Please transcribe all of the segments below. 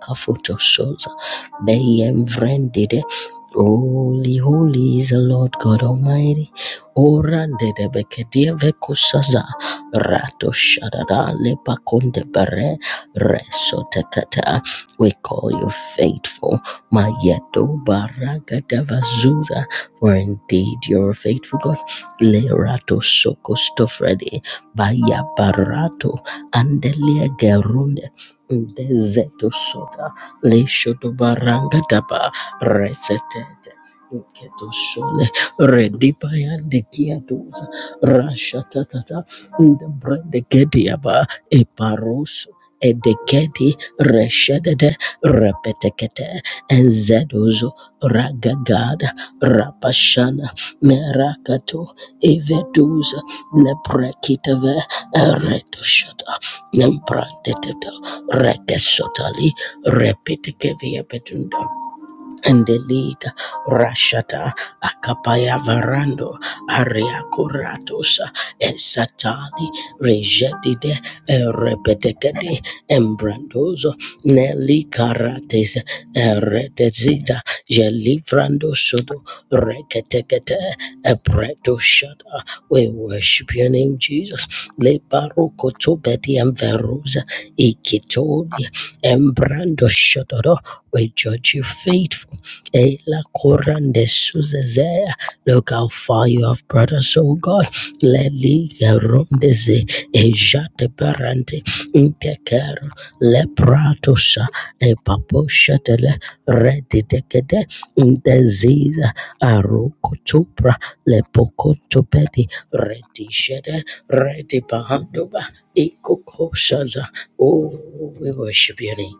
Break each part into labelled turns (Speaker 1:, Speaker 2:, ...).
Speaker 1: Kafutoshota Beyemvrendide. Holy, holy is the Lord God Almighty. Orande de bekedia vekusaza. Rato shadada lepakonde bare. Reso tekata. We call you faithful. Mayedo baragada vazuza. For indeed you're faithful God. Lerato soko stofredi. Baya barato. Andelia gerunde. Ndezeto shota leshoto baranga daba reseted. Keto shole redipa yande kiatuza rasha tatata Brandegediaba, Eparus, Edeketi, Reshedede, Repetekete, Enzedozo, Ragagada, Rapashana, Merakato, Eveduza, Neprekitave, Eredoshata, Nemprandeteta, Rekesotali, Repetekevia Petunda. Endelita Rashata Akapaya Varando Ariakuratosa Esatani Rejedide Erepetekede Embrandozo Nelly Karates Eretezita Jelifrando Sodo Reketekete Ebreto Shada We worship your name Jesus Le Barokoto Bedi and Veruza Embrando Shodoro, we judge you faithful. Ela Korande Suzezea, look how far you have brought us, oh God. Leli Gerondeze, Ejate Barante, Intekero, Lepratosa, Epapo Shetele, Redi Dekede, Indeziza, Arukotupra, Lepokotopedi, Redi Shede, Redi Bahanduba. Ikokoshaza. Oh, we worship your name.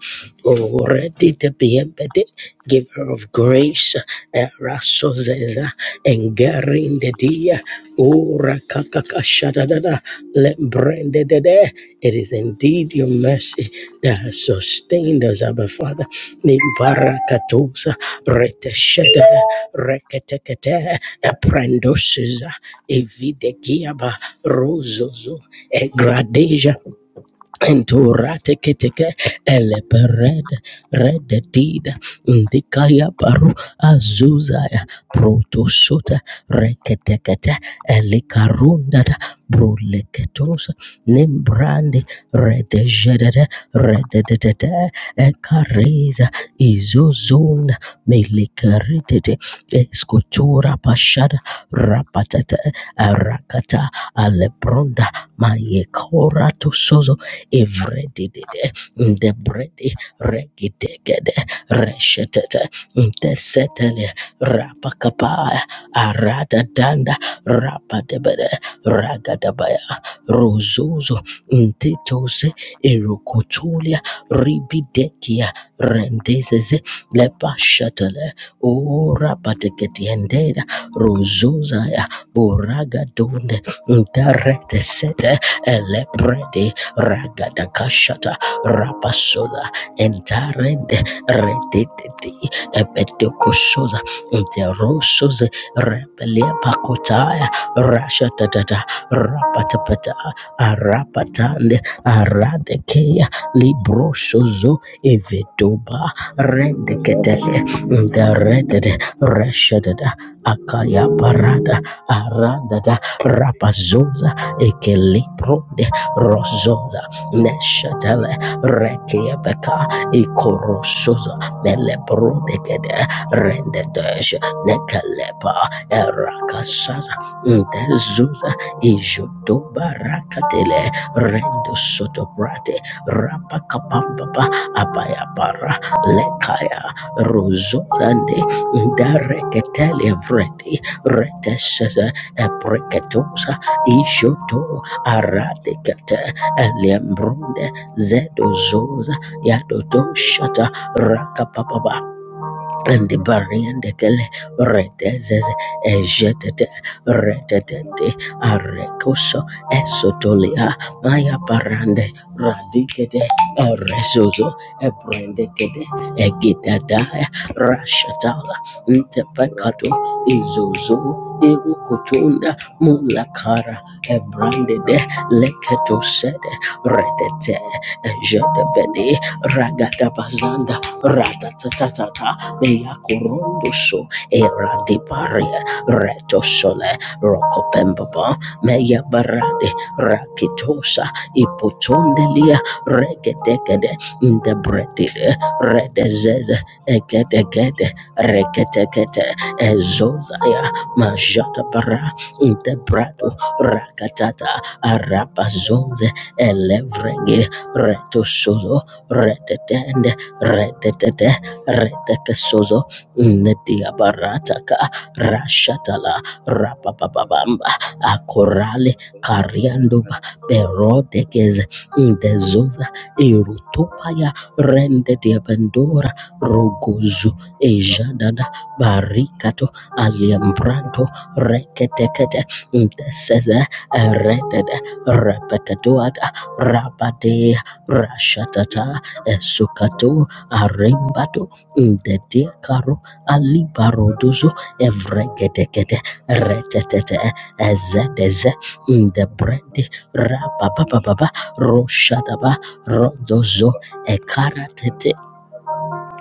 Speaker 1: Oh, ready to be embedded, giver of grace, Erasozeza, Engarin de dia, Ura kakakashadada, Lembrende declare It is indeed your mercy that has sustained us, Abba Father. Nibarakatusa reteshedada reketekete eprendosiza evidegiaba rozozo egradeja Enturate keteke ele pered red did indikaya paru azuzaya protosota reketekete elikarunda da bruleketosa nembrande redejedede rededede ekareza izozunda melikeretete Sete Vescotura Pashada Rapatata Arakata Alebronda Mayekora to Sozo Evredidide Debredi Regitegede Reshetete the setele Rapakapa Arada Danda Rapadebede Ragadabaya Rozozo Ntetose Erocotolia Ribidekia Rendezeze Lepa Shatale ora pateketiendera rozozaya boragadone ntaretesete elebrede ragada kashata rapasoda entarende rededede epedokosoza nterosoze repeliapakotaya rashatatata rapatapata arapatande aradekeya librosozo evedoba rendekete the Deredede, reshedede, akaya parada, aradada, rapazoza, ekelipronde, rozoza, neshatele, rekiebeka, ikorosoza, melebrodegede, rendedesh, nekelepa, erakasaza, ndezuza, ijudobarakatele, rendosotobrade, rapakapampapa, abayabara, lekaya rozozande dareketele vredi retesese epreketosa ishoto aradekete eliembrunde zedozoza yadodoshata rakapapaba and the Bariandekele Redezes Ejetete Redetete Arecoso Esotolia Maya Barande Radicete Eresozo Ebrendekede Egidadaya Rashatala Ntepecato Izozo Irukutunda Mulakara Ebrandede Leketosede Redete Jedebede Ragadabazanda Ratatatata Meyakurundusu Era de Paria Reto Sole Rokopembaba Meya Barade Rakitosa Ipotondelia Regedegede Ndebredide Redezeze Egedegede Reketekete Ezozaya Majata Bara Ndebrado Rakatata Arabazonze Elevrege retosozo redetende redetete retekesozo netia barataka, rashatala rapapapabamba akorale kariandoba berodekeze ndezoza irutopaya rendediabendora rogozu ejadada barikato aliambranto reketekete Desede Redede Repetaduada Rabade Rashatata Esukato Arimbado Dede Karo Alibarodozo Evregedegede Retetete Ezedeze the brandy Rabababa Roshadaba Rondozo Ekaratete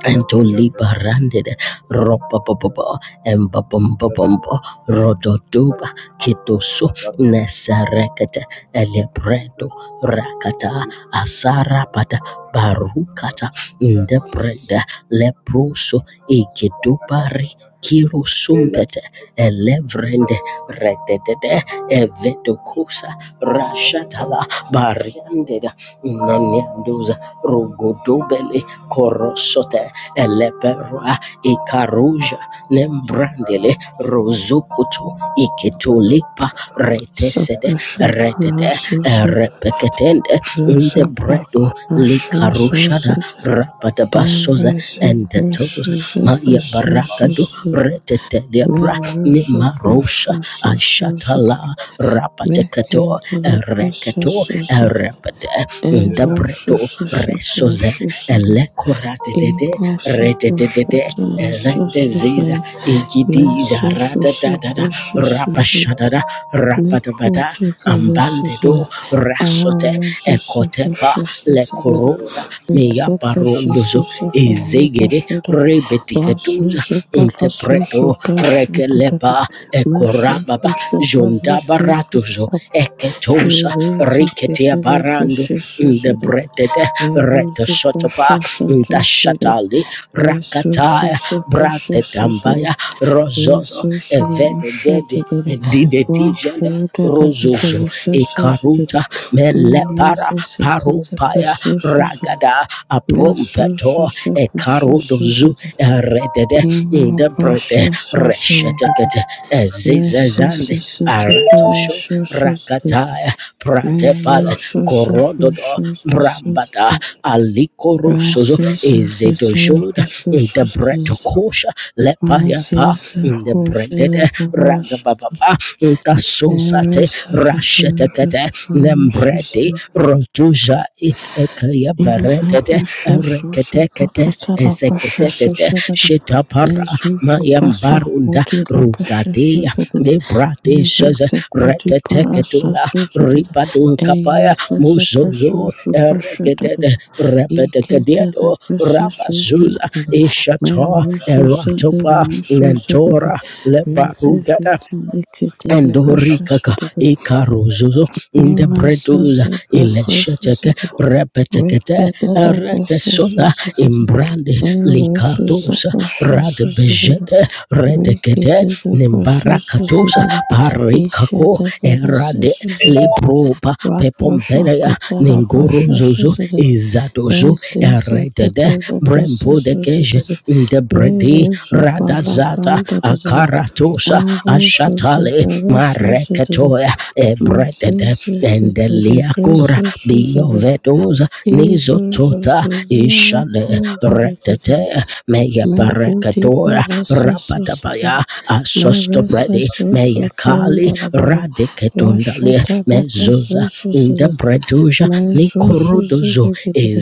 Speaker 1: Entoliba randed ropa popopo embapombo rododuba kidoso nesarekete elebredo rakata asarapata barukata ndebreda leproso igidubari Kiro sumpete elevrende rededede evedokosa rashatala bariandeda nenendoza rogodobele korosote eleberu ikaruja nembrandele rozukutu iketulipa retesede
Speaker 2: Sapashakala
Speaker 1: redede
Speaker 2: Susatada
Speaker 1: repeketende ndebredo
Speaker 2: Sapakala
Speaker 1: likarushada
Speaker 2: Susatada
Speaker 1: rapatabasoza endetotoza maya barakado
Speaker 2: Embrasapasusapasusatada
Speaker 1: reteteliabra nimarosha
Speaker 2: Merusapasasasusapa
Speaker 1: ashatala rapateketo reketo
Speaker 2: Mekantelapasasatada
Speaker 1: repede ndebredo resoze
Speaker 2: Erosusasapasasapa
Speaker 1: elekoratedede rededede
Speaker 2: Imbasapasata
Speaker 1: rende Rendeziza
Speaker 2: Sasatada
Speaker 1: igidiza rada da da da rapa
Speaker 2: Mesusapasasatada
Speaker 1: shadada rapa da
Speaker 2: Meko
Speaker 1: bada
Speaker 2: chepe
Speaker 1: ambande
Speaker 2: vesese
Speaker 1: do rasote
Speaker 2: aho sepe
Speaker 1: ekotepa
Speaker 2: shese sebere
Speaker 1: lekorunda
Speaker 2: sepe shese
Speaker 1: meyaparundozo
Speaker 2: sepe hata
Speaker 1: ezegede
Speaker 2: shudere vasu
Speaker 1: rebetikatuza
Speaker 2: sepe lasu
Speaker 1: intepreto
Speaker 2: sepe shudere
Speaker 1: rekelepa
Speaker 2: mesu
Speaker 1: ekorababa
Speaker 2: sepe vesu sepe
Speaker 1: jondabaratozo
Speaker 2: tapa
Speaker 1: eketosa
Speaker 2: iwe zikete
Speaker 1: riketia
Speaker 2: lepe
Speaker 1: barando
Speaker 2: shese sebere
Speaker 1: ndebretede
Speaker 2: meru sepe
Speaker 1: sotopa
Speaker 2: shese te shudere
Speaker 1: ntashatali rakataya brate dambaya rozozo
Speaker 2: Precious,
Speaker 1: evede gedi evedegedi didetijenda rozozo ikaruta melepara parupaya ragada aprompeto ekarodozu eredede debrede reshetekete ezizezande Aratosho Rakataya Pratepale Korododo Brambada Alikoro Sozo Ezedojoda the Bretokosha
Speaker 2: Mas
Speaker 1: Lepayapa
Speaker 2: esse é
Speaker 1: the Brendede
Speaker 2: o da borracha.
Speaker 1: Ragababa the
Speaker 2: Thank you.
Speaker 1: Sosate Rashetekete Nembredi Rotuja Ekaya Beredede Ereketekete ezeketetete shetapara mayambarunda rugadea debradesheze reteteketula ribadunkapaya muzozo eregedede rebedekediado rabazuza ishata eratopa nentora lebarugada Endorikaka ikarozozo ndebredoza
Speaker 2: Mimazuzu
Speaker 1: ilesheteke
Speaker 2: Resuscitable
Speaker 1: repetekete
Speaker 2: Regadata
Speaker 1: retesoda
Speaker 2: Resuscitable
Speaker 1: imbrande
Speaker 2: Erosusa
Speaker 1: likardosa
Speaker 2: Resuscitable
Speaker 1: radebejede redekede
Speaker 2: Regatata
Speaker 1: nimbarakatosa
Speaker 2: Resuscitable
Speaker 1: parikako
Speaker 2: Ishata
Speaker 1: erade
Speaker 2: Resuscitable
Speaker 1: leproba
Speaker 2: Raposha
Speaker 1: pepomberea
Speaker 2: Katara
Speaker 1: ningorozozo
Speaker 2: Resuscitable
Speaker 1: izadozo
Speaker 2: Eziza
Speaker 1: eredede
Speaker 2: Katara
Speaker 1: brembodegeje
Speaker 2: Resuscitable
Speaker 1: ndebredi
Speaker 2: Rerusu
Speaker 1: radazata
Speaker 2: Balakanda
Speaker 1: akaratosa
Speaker 2: Arosusa
Speaker 1: ashatale
Speaker 2: Resuscitable
Speaker 1: mareketoya ebredede
Speaker 2: Musesekete
Speaker 1: endeliakura
Speaker 2: Presosusaba
Speaker 1: biovedosa nizotota
Speaker 2: Izuzuzuzima
Speaker 1: ishale
Speaker 2: Andadadada
Speaker 1: retete meya
Speaker 2: Mekuti
Speaker 1: pareketoya rapadabaya
Speaker 2: Parasasusada Meresa
Speaker 1: asostobredi meya kali
Speaker 2: Susukandalababa
Speaker 1: radiketondale
Speaker 2: Rashatada
Speaker 1: mezuza
Speaker 2: Presosusada
Speaker 1: ndebreduja
Speaker 2: my Mazuzu
Speaker 1: nikorodozo
Speaker 2: zidididi,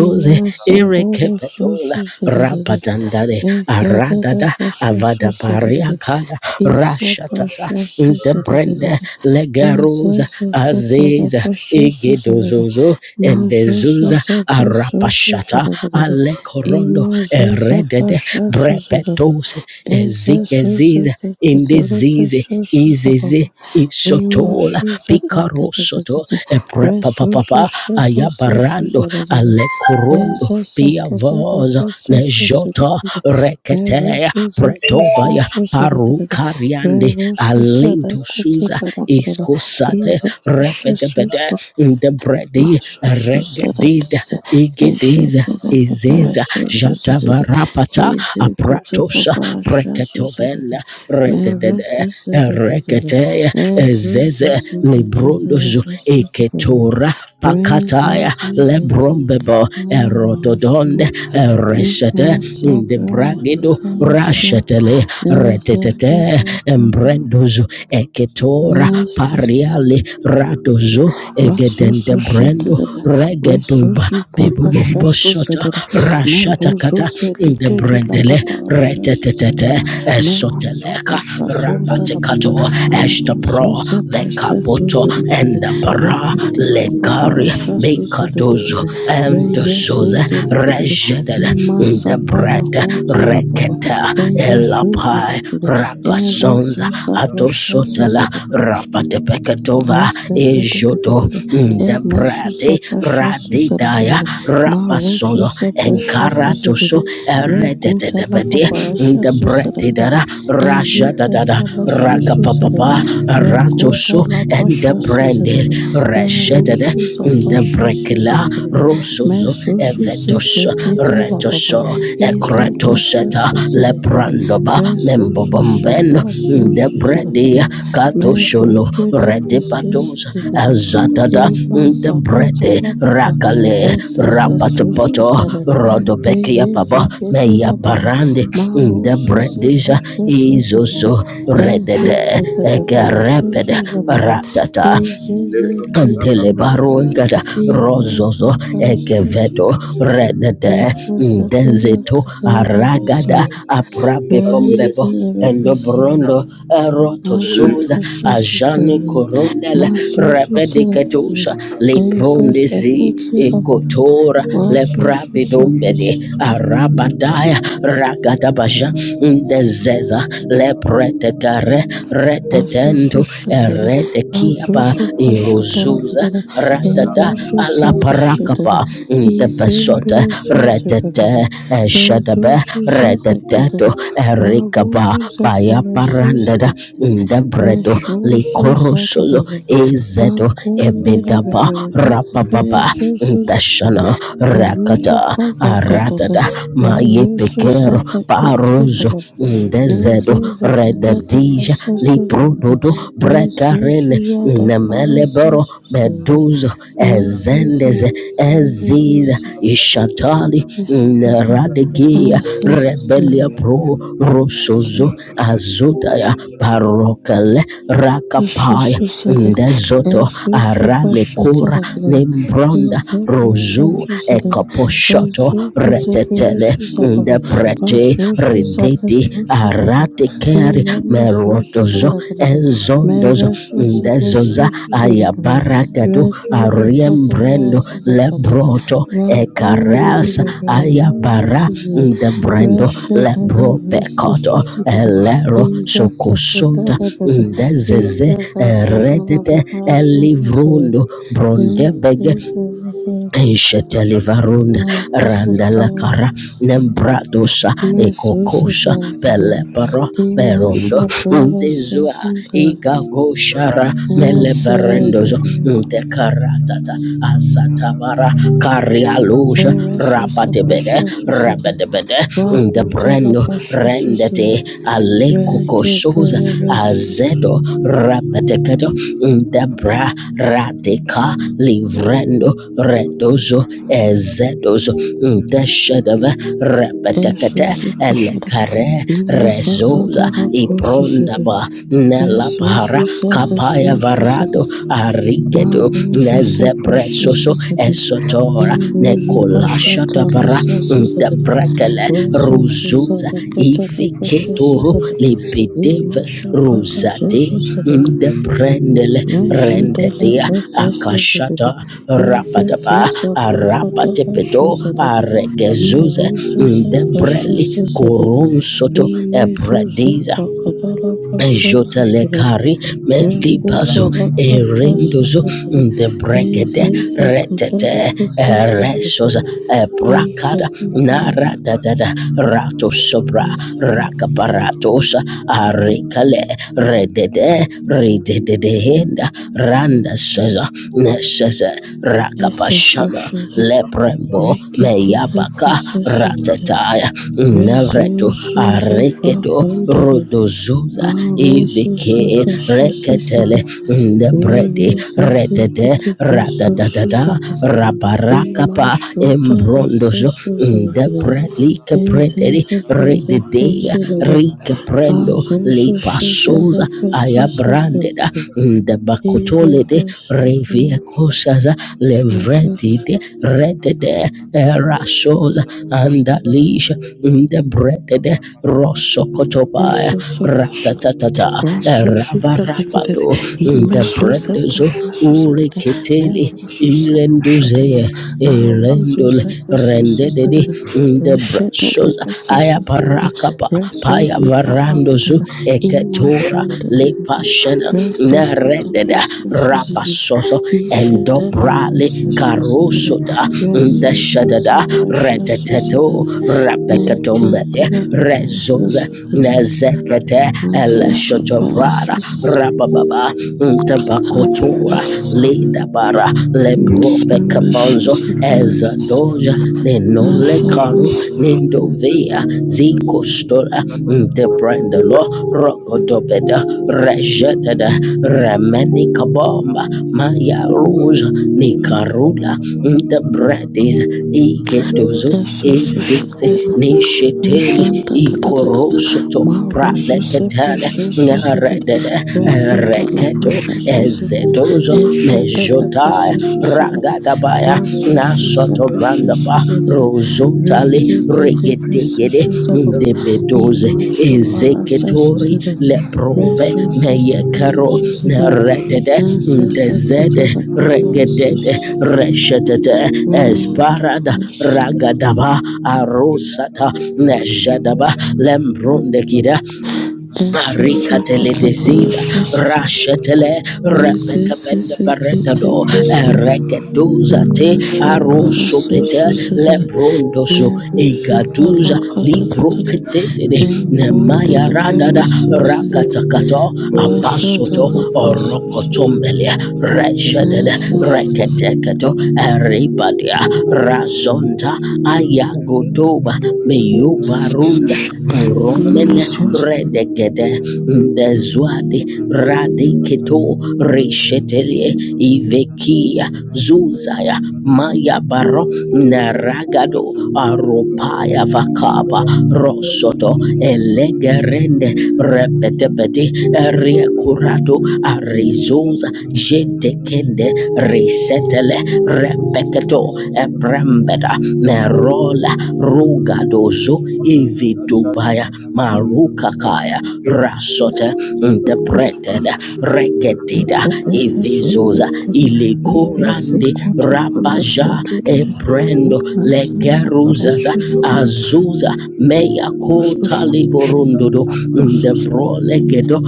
Speaker 2: ima saporo susu
Speaker 1: erekepetola
Speaker 2: zidididi,
Speaker 1: rapadandale
Speaker 2: ekedede
Speaker 1: aradada
Speaker 2: precious
Speaker 1: avadabaria
Speaker 2: zidididi,
Speaker 1: kada
Speaker 2: isa
Speaker 1: rashatata
Speaker 2: precious
Speaker 1: the brenda
Speaker 2: zidididi,
Speaker 1: legarosa
Speaker 2: ezeze ketede
Speaker 1: azeza
Speaker 2: precious zidididi,
Speaker 1: egedozozo
Speaker 2: mazuzu
Speaker 1: endezuza
Speaker 2: ze precious
Speaker 1: arapashata
Speaker 2: zidididi,
Speaker 1: alekorondo
Speaker 2: ima zuza
Speaker 1: eredede
Speaker 2: precious zidididi,
Speaker 1: brepetose
Speaker 2: ezezu
Speaker 1: ezigeziza
Speaker 2: zidididi ketede
Speaker 1: indizize
Speaker 2: precious zababa.
Speaker 1: izeze
Speaker 2: Ima
Speaker 1: isotola
Speaker 2: shuza
Speaker 1: picarosoto
Speaker 2: akatata resusu
Speaker 1: eprepapapa
Speaker 2: shata sesuza
Speaker 1: ayabarando
Speaker 2: rada
Speaker 1: alekorondo
Speaker 2: eza sakata da
Speaker 1: piavosa
Speaker 2: prasa susa
Speaker 1: nejota
Speaker 2: rada me
Speaker 1: rekete
Speaker 2: resuza prasa
Speaker 1: Pretovaya
Speaker 2: susa rada re
Speaker 1: Parukariande
Speaker 2: resuza da
Speaker 1: Alento
Speaker 2: kuti
Speaker 1: Suza
Speaker 2: para rada
Speaker 1: iskosate
Speaker 2: iza
Speaker 1: repetepete debredi regedida
Speaker 2: Mashoshosharakatete
Speaker 1: igediza
Speaker 2: eshetete
Speaker 1: izeza
Speaker 2: peperesosotetete
Speaker 1: jatavarapata apratosa preketoven
Speaker 2: izikutupaparashasotetete
Speaker 1: rededede
Speaker 2: meresesetetete
Speaker 1: rekete ezeze librundozo
Speaker 2: esososeteketerepesetepere
Speaker 1: eketora pakataya lebrombebo
Speaker 2: rezezezeteketeremasho
Speaker 1: erotodonde resete de debragedo
Speaker 2: iwasaperakataresha
Speaker 1: rashetele retetete
Speaker 2: ezeketepepe
Speaker 1: embrendozo eketora pariale radozo
Speaker 2: Rasusu
Speaker 1: egedende brendo
Speaker 2: shetadada,
Speaker 1: regeduba
Speaker 2: resusu pala shasu
Speaker 1: bebubomboshota
Speaker 2: zedada, meruzu
Speaker 1: rashatakata de
Speaker 2: sedikedi la
Speaker 1: brendele
Speaker 2: papa shasu
Speaker 1: retetete
Speaker 2: zedada, meruzu pa
Speaker 1: esoteleka
Speaker 2: shasu zedada papa,
Speaker 1: rapatekato estapro
Speaker 2: aruzu se presesu
Speaker 1: vekapoto
Speaker 2: zedada,
Speaker 1: endapara
Speaker 2: la papa
Speaker 1: lekari
Speaker 2: shasu
Speaker 1: bekadozo
Speaker 2: zedada, re yesu
Speaker 1: endosoze
Speaker 2: ima
Speaker 1: rejede the
Speaker 2: sapala
Speaker 1: bread,
Speaker 2: huti la papa,
Speaker 1: reketa,
Speaker 2: e yesu
Speaker 1: elapai,
Speaker 2: zedada, e
Speaker 1: rakasonza,
Speaker 2: sapra
Speaker 1: atosotela,
Speaker 2: shasu
Speaker 1: rapatepeketova, ejoto,
Speaker 2: Resuscitate,
Speaker 1: mm, the
Speaker 2: amen.
Speaker 1: bread,
Speaker 2: Susa precious
Speaker 1: radidaya,
Speaker 2: susatate, maro
Speaker 1: rapasozo,
Speaker 2: susa precious susatate,
Speaker 1: enkaratoso, eredete
Speaker 2: recuta
Speaker 1: de
Speaker 2: la
Speaker 1: mm,
Speaker 2: paparasha
Speaker 1: the bread,
Speaker 2: susatate,
Speaker 1: didada,
Speaker 2: eye
Speaker 1: rashadadada,
Speaker 2: sesala susatate,
Speaker 1: rakapapapa,
Speaker 2: recuta
Speaker 1: ratoso,
Speaker 2: la
Speaker 1: and the
Speaker 2: precious
Speaker 1: branded,
Speaker 2: susatate, eru
Speaker 1: reshedede,
Speaker 2: susa
Speaker 1: mm, the
Speaker 2: precious
Speaker 1: brekila,
Speaker 2: susatate,
Speaker 1: rosozo
Speaker 2: meso susa
Speaker 1: evetos
Speaker 2: precati la papa,
Speaker 1: retoso
Speaker 2: ise precious
Speaker 1: ekretoseta
Speaker 2: susatate,
Speaker 1: leprandoba
Speaker 2: resusa
Speaker 1: membobomben
Speaker 2: precious susatate.
Speaker 1: debredi katosholo
Speaker 2: Merude
Speaker 1: redipatos
Speaker 2: repressisidede,
Speaker 1: azadada
Speaker 2: imasakota
Speaker 1: debredi
Speaker 2: lapapa,
Speaker 1: rakale rapatapoto
Speaker 2: esesesususedede,
Speaker 1: rodobekia baba
Speaker 2: reyezeketi
Speaker 1: meya
Speaker 2: lapapa,
Speaker 1: barande debredija
Speaker 2: marususepresesusedede,
Speaker 1: izozo redede ekerepede
Speaker 2: ezeketepeperesusuzababa,
Speaker 1: ratata Kantele
Speaker 2: izezeketelebebe,
Speaker 1: baruengada rozozo
Speaker 2: imasaparasusu,
Speaker 1: egevedo redede ndezeto aragada
Speaker 2: esesetelekatelebesubaba,
Speaker 1: aprape pombebo endo
Speaker 2: reyezebepresebe.
Speaker 1: brondo eroto
Speaker 2: Asa
Speaker 1: suza ajane
Speaker 2: Pashashikari,
Speaker 1: korondele
Speaker 2: Masusu Sakari,
Speaker 1: repediketusha
Speaker 2: Asa
Speaker 1: leprondezi
Speaker 2: Sakuti Lababa,
Speaker 1: ekotora
Speaker 2: Masusu Sabasi,
Speaker 1: leprapidombedi arabadaya ragadabaja ndezeza le pretecare red
Speaker 2: Asusu
Speaker 1: tetendo
Speaker 2: Shatada,
Speaker 1: erede kiaba
Speaker 2: Azusu Pashatara
Speaker 1: iruzuza
Speaker 2: Kadada,
Speaker 1: radada
Speaker 2: Erusu Sakashatada,
Speaker 1: alaparakapa
Speaker 2: Izembre
Speaker 1: ndebesota
Speaker 2: Zuza Baba,
Speaker 1: redete eshadabe
Speaker 2: Ezusu Zata
Speaker 1: redeteto
Speaker 2: Kadada,
Speaker 1: erikaba
Speaker 2: Maruzu Zapara
Speaker 1: bayaparandada
Speaker 2: Susakari,
Speaker 1: ndebredo
Speaker 2: Meshusu
Speaker 1: likorosozo
Speaker 2: satadadada.
Speaker 1: ezedo
Speaker 2: Akundele
Speaker 1: ebedaba
Speaker 2: beberedete
Speaker 1: rapababa
Speaker 2: peyesusu sete.
Speaker 1: ndashana
Speaker 2: Beruzu
Speaker 1: rakata
Speaker 2: palakatata.
Speaker 1: aradada
Speaker 2: Rayusu
Speaker 1: mayepekero
Speaker 2: sete kutila
Speaker 1: parozo
Speaker 2: baba.
Speaker 1: ndezedo
Speaker 2: Enzi zeketela
Speaker 1: rededija
Speaker 2: prashesu sete.
Speaker 1: librudodo
Speaker 2: Resusu
Speaker 1: brekarene
Speaker 2: yada
Speaker 1: nemeleboro
Speaker 2: parasesu sete.
Speaker 1: beduzo
Speaker 2: Rezi
Speaker 1: ezendeze
Speaker 2: zeketela
Speaker 1: eziza
Speaker 2: beberesu.
Speaker 1: ishatali
Speaker 2: Esabafu.
Speaker 1: neradegia
Speaker 2: Asesu sete.
Speaker 1: rebelia pro rosozo azutaya parokale rakapaya
Speaker 2: Ishashishara
Speaker 1: ndezoto
Speaker 2: inzu
Speaker 1: aralekura
Speaker 2: bashataragara
Speaker 1: nembronda
Speaker 2: inzu
Speaker 1: rozu
Speaker 2: bashashishara
Speaker 1: ekaposhoto
Speaker 2: inzu
Speaker 1: retetele
Speaker 2: kuzeperesuzababa
Speaker 1: de prete
Speaker 2: bashusuzara
Speaker 1: rideti
Speaker 2: susuzaba
Speaker 1: arate keri
Speaker 2: imrame
Speaker 1: merotozo
Speaker 2: susuzaragarara mere
Speaker 1: enzondozo ndezoza
Speaker 2: suseperesuzaragarara
Speaker 1: ayabarakadu ariembrendo
Speaker 2: returukatabarasizabarara
Speaker 1: lebroto ekarasa ayabara
Speaker 2: rakurerebeberezuzuzuzara
Speaker 1: ndebrendo
Speaker 2: rashatada
Speaker 1: lebropekoto
Speaker 2: resasusarara
Speaker 1: elero sokosuta
Speaker 2: izasakatara baba Peace
Speaker 1: ndezeze
Speaker 2: that does not
Speaker 1: redete
Speaker 2: precious is it.
Speaker 1: elivrundo
Speaker 2: Yes,
Speaker 1: brondebege
Speaker 2: yes, yes, yes.
Speaker 1: Shetelivaruna
Speaker 2: Uh, precious to
Speaker 1: Randalakara Nembradosa
Speaker 2: miss
Speaker 1: Ekokosha
Speaker 2: Lucifer.
Speaker 1: Peleparo Berondo
Speaker 2: Imasha Buddha
Speaker 1: Ndezua
Speaker 2: Sessions have.
Speaker 1: Igagoshara
Speaker 2: Yes, yes,
Speaker 1: Meleberendozo
Speaker 2: yes.
Speaker 1: Ndekaratata Asatabara Karialusha
Speaker 2: Eresus a
Speaker 1: Rapatebede
Speaker 2: precious is it.
Speaker 1: Rabedebede
Speaker 2: Rakuta the
Speaker 1: Ndebrendo
Speaker 2: precious is it.
Speaker 1: Rendete Aleko
Speaker 2: Rekit
Speaker 1: kokoshoza
Speaker 2: delivers.
Speaker 1: azedo rapateketo ndebra radika livrendo redozo ezedozo ndeshedeve repetekete
Speaker 2: Esus a precious.
Speaker 1: elekare
Speaker 2: Imasa
Speaker 1: rezoza
Speaker 2: Sadara process it.
Speaker 1: iprondaba nelapara
Speaker 2: Resus said,
Speaker 1: kapaya
Speaker 2: Resus said it.
Speaker 1: varado
Speaker 2: Ma
Speaker 1: arigedo
Speaker 2: ruzu se precious
Speaker 1: nezebresoso
Speaker 2: is it,
Speaker 1: es sotora
Speaker 2: and ruzu
Speaker 1: nekola
Speaker 2: pasha tara
Speaker 1: shatapara
Speaker 2: sasus at it,
Speaker 1: ndabrakele
Speaker 2: rezus at
Speaker 1: ruzuza
Speaker 2: the catala precious is
Speaker 1: ifeketoro
Speaker 2: at it, in
Speaker 1: lebedeve
Speaker 2: masha pala
Speaker 1: ruzade
Speaker 2: sosus at it,
Speaker 1: ndabrendele
Speaker 2: Yajada la
Speaker 1: rendedea
Speaker 2: processus at
Speaker 1: akashata
Speaker 2: it,
Speaker 1: rapadapa
Speaker 2: Izezus of Fakatala
Speaker 1: arapatepedo
Speaker 2: shows at it, Me
Speaker 1: aregezuze
Speaker 2: ruzus a precious
Speaker 1: ndebreli
Speaker 2: is at it,
Speaker 1: korunsoto
Speaker 2: Imezus of
Speaker 1: ebrediza
Speaker 2: Fakatala precious. and Maruzu sepreshesuzada enruzu pashatara sasuzada rezuzuzada katala preshesuzada imashapala sasuzada yajadala preshesuzada is fakadala shuzada merusuzada preshesuzada imezuzu fakadala preshesuzada
Speaker 1: Jotelekari melibazo
Speaker 2: Yakutama Kasha
Speaker 1: erendozo
Speaker 2: Sedere,
Speaker 1: the brekede
Speaker 2: Ezeza Katana
Speaker 1: retete
Speaker 2: Kasha
Speaker 1: resosa
Speaker 2: Sedere,
Speaker 1: brakada
Speaker 2: Ekatavas,
Speaker 1: nara da prakada naradadada rato sobra rakaparatosa arikale redede rededehenda randa seza neseze
Speaker 2: Essa
Speaker 1: rakapashana
Speaker 2: Soshana,
Speaker 1: leprembo
Speaker 2: Rikitila
Speaker 1: meyabaka
Speaker 2: Festa Sedere,
Speaker 1: ratetaya nevreto
Speaker 2: Resursuza
Speaker 1: arikedo
Speaker 2: Vakandana,
Speaker 1: rodozo Suza
Speaker 2: Arosuza
Speaker 1: Ivike
Speaker 2: Fasha
Speaker 1: Reketele
Speaker 2: Sedere,
Speaker 1: Ndebredi
Speaker 2: Re-resisted
Speaker 1: Retete
Speaker 2: the first sources of
Speaker 1: Radadadada Rabarakapa
Speaker 2: Imashuta
Speaker 1: Embrondozo
Speaker 2: the
Speaker 1: Ndebredlike
Speaker 2: Is
Speaker 1: Prederi
Speaker 2: this the first of
Speaker 1: Redidea
Speaker 2: forty? The above,
Speaker 1: Rike Prendo
Speaker 2: I've also
Speaker 1: Lipa
Speaker 2: checked
Speaker 1: Suza
Speaker 2: the first of
Speaker 1: Ayabrandeda
Speaker 2: seventy. Is this the
Speaker 1: Ndebakutolede
Speaker 2: first of forty?
Speaker 1: Revie Kusaza Levredide Redede Era Suza Andalisha Ndebredede Rosso
Speaker 2: I've
Speaker 1: Kotobaya
Speaker 2: also checked.
Speaker 1: ratatatata
Speaker 2: Rasusupelatedede,
Speaker 1: ravarapado ndebrendezo
Speaker 2: imesusepesususedede,
Speaker 1: ureketeli
Speaker 2: merususapushadada,
Speaker 1: irenduzeye irendul rendedede
Speaker 2: auzusepesususedede,
Speaker 1: Mm, the brasoza
Speaker 2: reshetelepesususedede,
Speaker 1: ayaparakapa payavarandozu
Speaker 2: resufupalakadada,
Speaker 1: eketora
Speaker 2: imashandedededede,
Speaker 1: lepashena nerededa
Speaker 2: reseketepesususedede,
Speaker 1: rapasozo endobrale
Speaker 2: ishetelepesususedede,
Speaker 1: karosoda ndeshadada
Speaker 2: resususapesususedede,
Speaker 1: reteteto rapekatombele rezoza
Speaker 2: enkentelepesususedede.
Speaker 1: nezeket Lete El
Speaker 2: Ancestral
Speaker 1: Shotobrada
Speaker 2: practices
Speaker 1: Rabababa
Speaker 2: and
Speaker 1: Tabakotora
Speaker 2: professions
Speaker 1: Leda Bara
Speaker 2: in
Speaker 1: Lebrobe
Speaker 2: submission
Speaker 1: Kapanzo
Speaker 2: to
Speaker 1: Eza
Speaker 2: benefit
Speaker 1: Doja
Speaker 2: and
Speaker 1: Nenole
Speaker 2: suffering
Speaker 1: Karu Nindovia Ziko Stora Debrandalo Rogodobeda Rejetada Remeni Kabomba Maya Rose Nicarula Debredis Igedozo
Speaker 2: of social
Speaker 1: Ezeze
Speaker 2: shipping.
Speaker 1: Nisheteli
Speaker 2: Shanta ta ta ta ta ta.
Speaker 1: Ikorosoto Pra
Speaker 2: Maro suse
Speaker 1: Paleketele
Speaker 2: precious suse da da.
Speaker 1: Naredede
Speaker 2: Reku da la
Speaker 1: Reketo
Speaker 2: precious suse da da.
Speaker 1: Ezetozo
Speaker 2: Eshe da la
Speaker 1: Mejotaya
Speaker 2: precious suse da da.
Speaker 1: Ragadabaya
Speaker 2: Rasu suse
Speaker 1: Nasoto
Speaker 2: precious
Speaker 1: Brandaba
Speaker 2: suse da da.
Speaker 1: Rosotali
Speaker 2: Reke te te precious
Speaker 1: Regetegede
Speaker 2: suse baba.
Speaker 1: Debedoze
Speaker 2: Ima shabala suse
Speaker 1: Ezeketori
Speaker 2: da da.
Speaker 1: Leprobe
Speaker 2: Resu suse precious
Speaker 1: Meyekaro
Speaker 2: suse da da.
Speaker 1: Naredede
Speaker 2: Nase se
Speaker 1: Dezede
Speaker 2: kete da precious
Speaker 1: Regedede
Speaker 2: suse.
Speaker 1: Reshetete
Speaker 2: Rasu
Speaker 1: Esparada
Speaker 2: precious.
Speaker 1: Ragadaba Arosata Nejadaba Lembrondekida
Speaker 2: Esu suse
Speaker 1: Ricatele
Speaker 2: kete
Speaker 1: disease,
Speaker 2: precious.
Speaker 1: Rashetele, Rebecca Benda
Speaker 2: zilizoketi
Speaker 1: Beredado,
Speaker 2: vizuri
Speaker 1: Recaduza te
Speaker 2: nyuma shamba la
Speaker 1: Aroso Peter,
Speaker 2: soso zenye
Speaker 1: Lebrondoso,
Speaker 2: mimea
Speaker 1: Egaduza, Libro
Speaker 2: parakatatatata
Speaker 1: Ketede,
Speaker 2: and kunde
Speaker 1: Nemaya
Speaker 2: the
Speaker 1: Radada,
Speaker 2: various sources that
Speaker 1: Rakatakato,
Speaker 2: Russia
Speaker 1: Abasoto,
Speaker 2: data process
Speaker 1: Orocotombelia, Rejade,
Speaker 2: and
Speaker 1: reketeketo eribadia razonta ayagodoba meyubarunda muromene
Speaker 2: numerous sources
Speaker 1: redegede mdezwadi radiketo reshetelie ivekia zuzaya mayabaro naragado aro paya vakaba rosoto elegerende repetepeti riekurato arizoza jedekende risetele repeketo ebrembeda merola rugadozo ividubaya marukakaya rasote
Speaker 2: to
Speaker 1: ndepreteda
Speaker 2: parachute and
Speaker 1: regedida
Speaker 2: the various sources
Speaker 1: ivizoza
Speaker 2: that EVC
Speaker 1: ilekorande
Speaker 2: quoted parachute
Speaker 1: rabaja
Speaker 2: that
Speaker 1: ebrendo
Speaker 2: Nasanta
Speaker 1: legeruzaza
Speaker 2: parachute that
Speaker 1: azuza meya kota
Speaker 2: Russia
Speaker 1: liborundodo de brolegedo